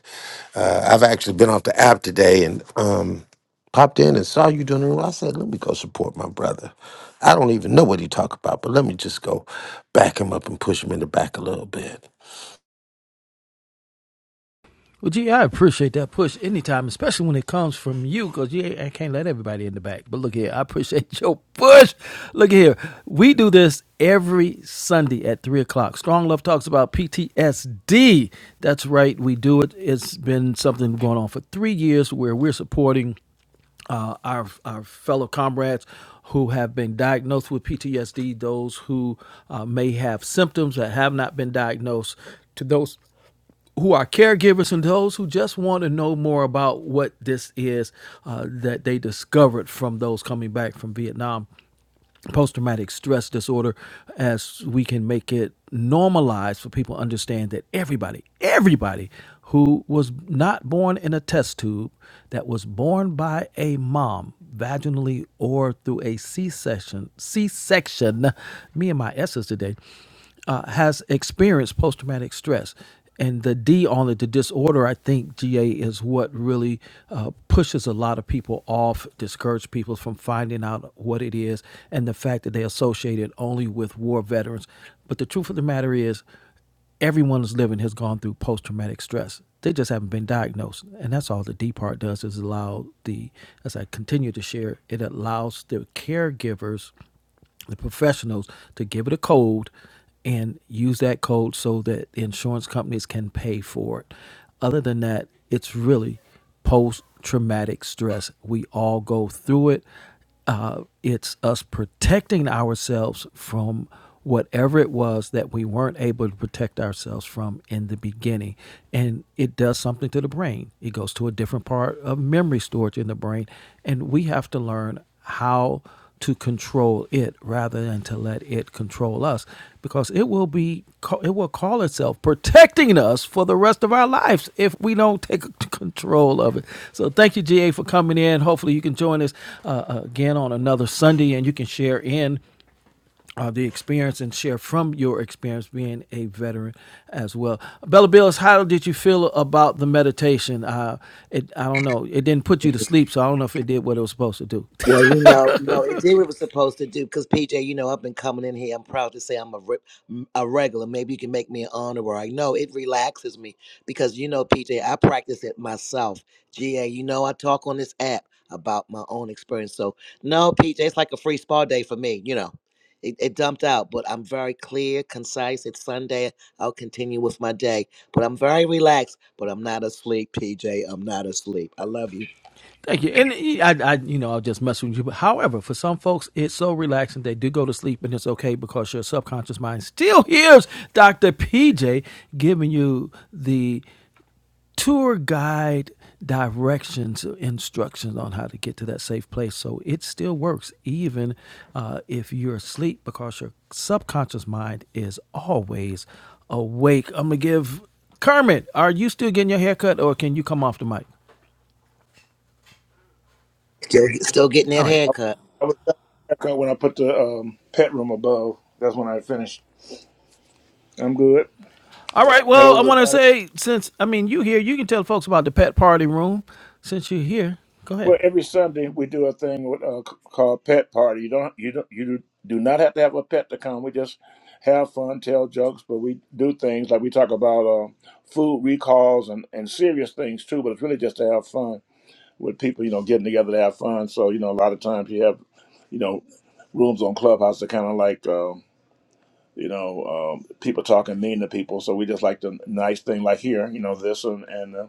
Speaker 4: Uh, I've actually been off the app today and um, popped in and saw you doing the room. I said, let me go support my brother. I don't even know what he talk about, but let me just go back him up and push him in the back a little bit.
Speaker 2: Well, gee, I appreciate that push anytime, especially when it comes from you, because you I can't let everybody in the back. But look here, I appreciate your push. Look here, we do this every Sunday at 3 o'clock. Strong Love talks about PTSD. That's right, we do it. It's been something going on for three years where we're supporting uh, our, our fellow comrades who have been diagnosed with PTSD, those who uh, may have symptoms that have not been diagnosed, to those who are caregivers and those who just want to know more about what this is uh, that they discovered from those coming back from Vietnam post traumatic stress disorder, as we can make it normalized for people to understand that everybody, everybody who was not born in a test tube, that was born by a mom, vaginally or through a C section, C section, me and my S's today uh, has experienced post traumatic stress. And the D on it, the disorder, I think, GA, is what really uh, pushes a lot of people off, discourage people from finding out what it is, and the fact that they associate it only with war veterans. But the truth of the matter is, everyone who's living has gone through post traumatic stress. They just haven't been diagnosed. And that's all the D part does is allow the, as I continue to share, it allows the caregivers the professionals to give it a code and use that code so that the insurance companies can pay for it. Other than that, it's really post traumatic stress. We all go through it. Uh, it's us protecting ourselves from whatever it was that we weren't able to protect ourselves from in the beginning. And it does something to the brain, it goes to a different part of memory storage in the brain. And we have to learn how to control it rather than to let it control us because it will be it will call itself protecting us for the rest of our lives if we don't take control of it so thank you ga for coming in hopefully you can join us uh, uh, again on another sunday and you can share in uh, the experience and share from your experience being a veteran as well bella bills how did you feel about the meditation uh, it, i don't know it didn't put you to sleep so i don't know if it did what it was supposed to do
Speaker 3: Well, you know, you know, it did what it was supposed to do. Because PJ, you know, I've been coming in here. I'm proud to say I'm a re- m- a regular. Maybe you can make me an honorary. No, it relaxes me because you know, PJ, I practice it myself. GA, you know, I talk on this app about my own experience. So no, PJ, it's like a free spa day for me. You know, it, it dumped out, but I'm very clear, concise. It's Sunday. I'll continue with my day, but I'm very relaxed. But I'm not asleep, PJ. I'm not asleep. I love you.
Speaker 2: Thank you. And I, I, you know, I'll just mess with you. But however, for some folks, it's so relaxing they do go to sleep, and it's okay because your subconscious mind still hears Dr. PJ giving you the tour guide directions, instructions on how to get to that safe place. So it still works, even uh, if you're asleep, because your subconscious mind is always awake. I'm gonna give Kermit. Are you still getting your haircut, or can you come off the mic?
Speaker 3: Still, still getting
Speaker 2: All
Speaker 3: that
Speaker 2: right,
Speaker 5: I
Speaker 3: haircut.
Speaker 5: I was done with the haircut when I put the um, pet room above. That's when I finished. I'm good.
Speaker 2: All right. Well,
Speaker 5: Hello.
Speaker 2: I want to
Speaker 5: everybody.
Speaker 2: say since I mean you here, you can tell folks about the pet party room. Since you're here, go ahead.
Speaker 5: Well, every Sunday we do a thing with, uh, c- called pet party. You don't you don't you do do not have to have a pet to come. We just have fun, tell jokes, but we do things like we talk about uh, food recalls and, and serious things too. But it's really just to have fun with people. You know, getting together to have fun. So you know, a lot of times you have you know rooms on Clubhouse that kind of like. um, you know, um, people talking mean to people. So we just like the nice thing, like here, you know, this and and uh,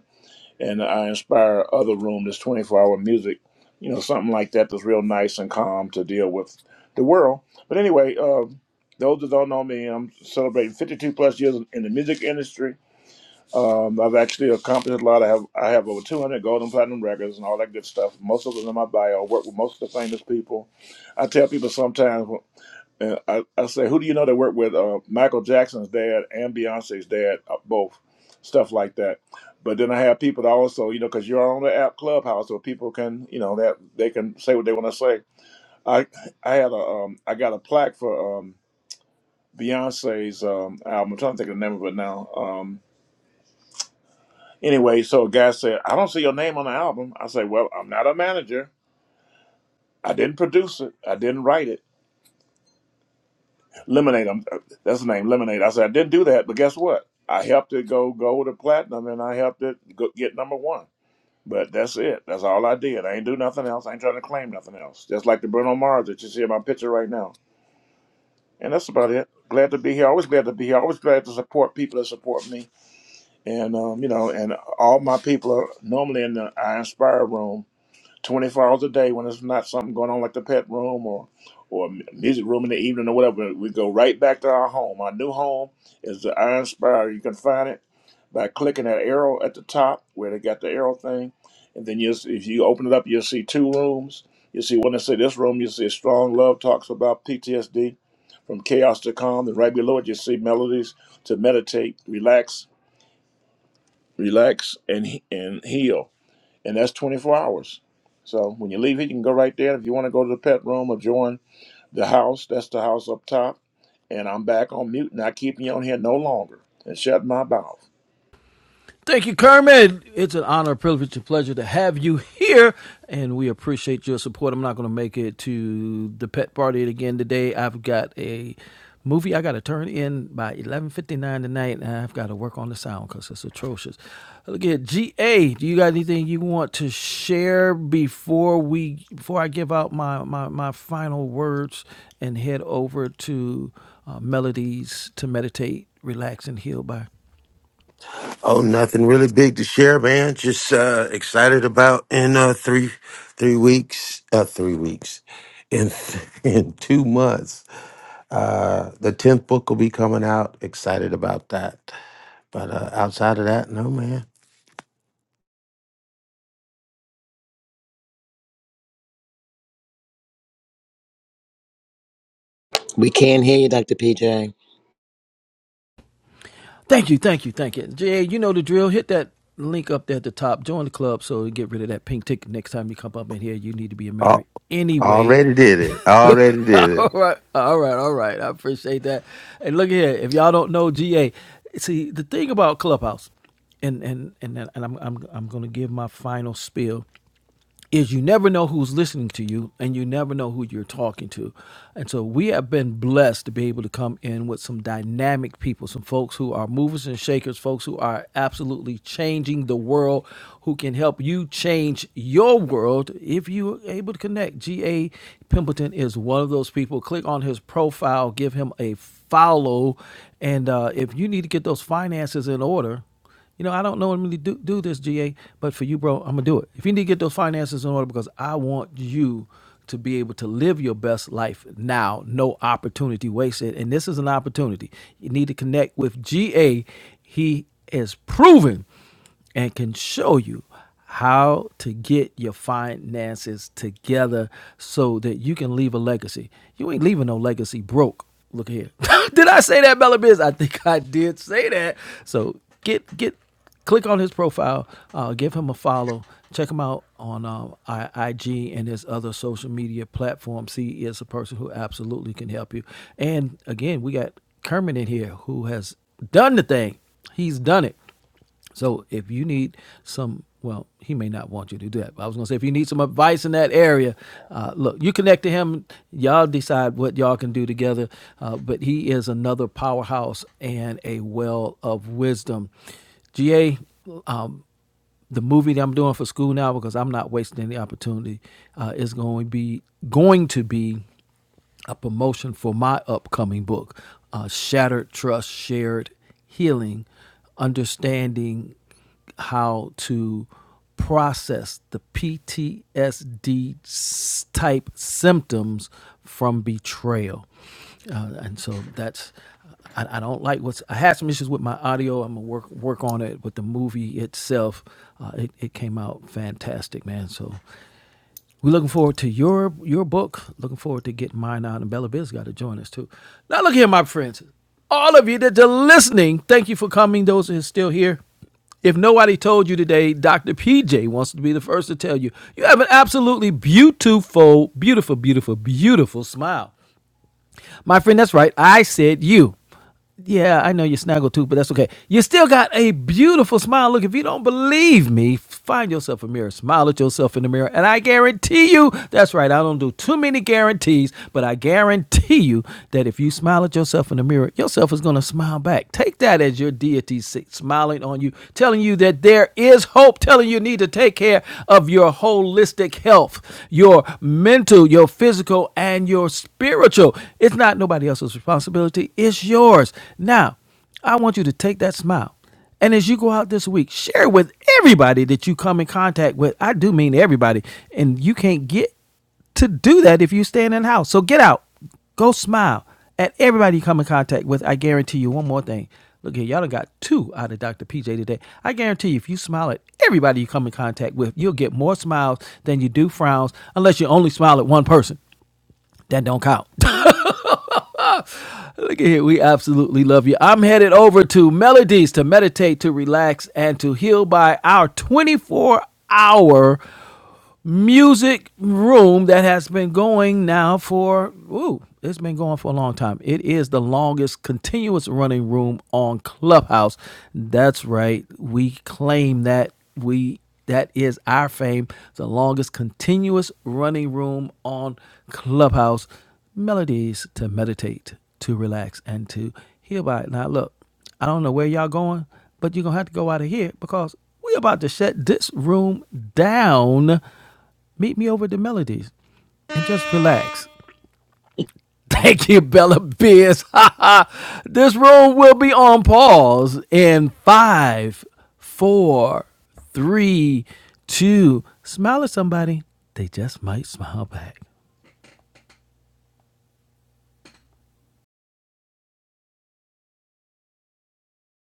Speaker 5: and I inspire other room. This twenty four hour music, you know, something like that that's real nice and calm to deal with the world. But anyway, uh, those that don't know me, I'm celebrating fifty two plus years in the music industry. Um, I've actually accomplished a lot. I have I have over two hundred gold and platinum records and all that good stuff. Most of them in my bio. I work with most of the famous people. I tell people sometimes. And I, I say, who do you know that worked with uh, Michael Jackson's dad and Beyonce's dad, uh, both stuff like that. But then I have people that also, you know, because you're on the app Clubhouse, so people can, you know, that they can say what they want to say. I I had a um I got a plaque for um Beyonce's um album. I'm trying to think of the name of it now. Um, anyway, so a guy said, I don't see your name on the album. I say, well, I'm not a manager. I didn't produce it. I didn't write it. Lemonade. I'm, uh, that's the name, Lemonade. I said I didn't do that, but guess what? I helped it go gold or platinum, and I helped it go, get number one. But that's it. That's all I did. I ain't do nothing else. I ain't trying to claim nothing else. Just like the Bruno Mars that you see in my picture right now. And that's about it. Glad to be here. Always glad to be here. Always glad to support people that support me. And um, you know, and all my people are normally in the I Inspire room 24 hours a day when there's not something going on like the pet room or or a mu- music room in the evening or whatever. We go right back to our home. Our new home is the Iron Spire. You can find it by clicking that arrow at the top where they got the arrow thing, and then you if you open it up, you'll see two rooms. You see one that say this room. You see strong love talks about PTSD from chaos to calm. Then right below it, you see melodies to meditate, relax, relax, and he- and heal and that's 24 hours. So when you leave here, you can go right there. If you want to go to the pet room or join the house, that's the house up top. And I'm back on mute, not keeping you on here no longer. And shut my mouth.
Speaker 2: Thank you, Kurt. It's our privilege and pleasure to have you here, and we appreciate your support. I'm not going to make it to again today. I've got a movie I got to turn in by 11:59 tonight, and I've got to work on the sound because it's atrocious. Look at GA. Do you got anything you want to share before we before I give out my my, my final words and head over to uh, melodies to meditate, relax, and heal by?
Speaker 4: Oh, nothing really big to share, man. Just uh, excited about in uh, three three weeks, uh, three weeks, in in two months. Uh, the tenth book will be coming out. Excited about that. But uh, outside of that, no, man.
Speaker 3: We can't hear you, Dr. PJ.
Speaker 2: Thank you, thank you, thank you, GA. You know the drill. Hit that link up there at the top. Join the club so you get rid of that pink ticket next time you come up in here. You need to be a member
Speaker 4: Oh,
Speaker 2: anyway.
Speaker 4: already did it. Already did it.
Speaker 2: all right, all right, all right. I appreciate that. And look here, if y'all don't know GA, see the thing about Clubhouse, and and and and I'm I'm I'm gonna give my final spiel is you never know who's listening to you and you never know who you're talking to. And so we have been blessed to be able to come in with some dynamic people, some folks who are movers and shakers, folks who are absolutely changing the world, who can help you change your world if you're able to connect. G.A. Pimpleton is one of those people. Click on his profile, give him a follow. And uh, if you need to get those finances in order, you know, I don't normally do, do this, GA, but for you, bro, I'm gonna do it. If you need to get those finances in order, because I want you to be able to live your best life now, no opportunity wasted. And this is an opportunity. You need to connect with GA. He is proven and can show you how to get your finances together so that you can leave a legacy. You ain't leaving no legacy broke. Look here. did I say that, Bella Biz? I think I did say that. So get get click on his profile, uh, give him a follow, check him out on uh, IG and his other social media platforms. He is a person who absolutely can help you. And again, we got Kermit in here who has done the thing. He's done it. So if you need some, well, he may not want you to do that. But I was gonna say if you need some advice in that area, uh, look, you connect to him. Y'all decide what y'all can do together. Uh, but he is another powerhouse and a well of wisdom. Ga, the movie that I'm doing for school now because I'm not wasting any opportunity uh, is going to be going to be a promotion for my upcoming book, uh, Shattered Trust, Shared Healing, Understanding How to Process the PTSD type symptoms from betrayal. Uh, and so that's, I, I don't like what's, I had some issues with my audio. I'm going to work, work on it, but the movie itself, uh, it, it came out fantastic, man. So we're looking forward to your your book. Looking forward to getting mine out, and Bella Biz got to join us too. Now, look here, my friends, all of you that are listening, thank you for coming. Those who are still here. If nobody told you today, Dr. PJ wants to be the first to tell you you have an absolutely beautiful, beautiful, beautiful, beautiful smile. My friend, that's right. I said you. Yeah, I know you snaggle tooth, but that's okay. You still got a beautiful smile. Look, if you don't believe me, find yourself a mirror. Smile at yourself in the mirror, and I guarantee you that's right. I don't do too many guarantees, but I guarantee you that if you smile at yourself in the mirror, yourself is going to smile back. Take that as your deity s- smiling on you, telling you that there is hope telling you need to take care of your holistic health, your mental, your physical, and your spiritual. It's not nobody else's responsibility, it's yours. Now, I want you to take that smile. And as you go out this week, share with everybody that you come in contact with. I do mean everybody. And you can't get to do that if you staying in the house. So get out. Go smile at everybody you come in contact with. I guarantee you one more thing. Look here, y'all done got two out of Dr. PJ today. I guarantee you, if you smile at everybody you come in contact with, you'll get more smiles than you do frowns, unless you only smile at one person. That don't count. Look at here, we absolutely love you. I'm headed over to Melodies to meditate, to relax, and to heal by our 24 hour music room that has been going now for ooh, it's been going for a long time. It is the longest continuous running room on Clubhouse. That's right. We claim that we that is our fame. The longest continuous running room on Clubhouse. Melodies to meditate, to relax, and to heal by. Now look, I don't know where y'all going, but you're gonna have to go out of here because we are about to shut this room down Meet me over at the Melodies and just relax. Thank you, Bella Biz. this room will be on pause in five, four, three, two. Smile at somebody. They just might smile back.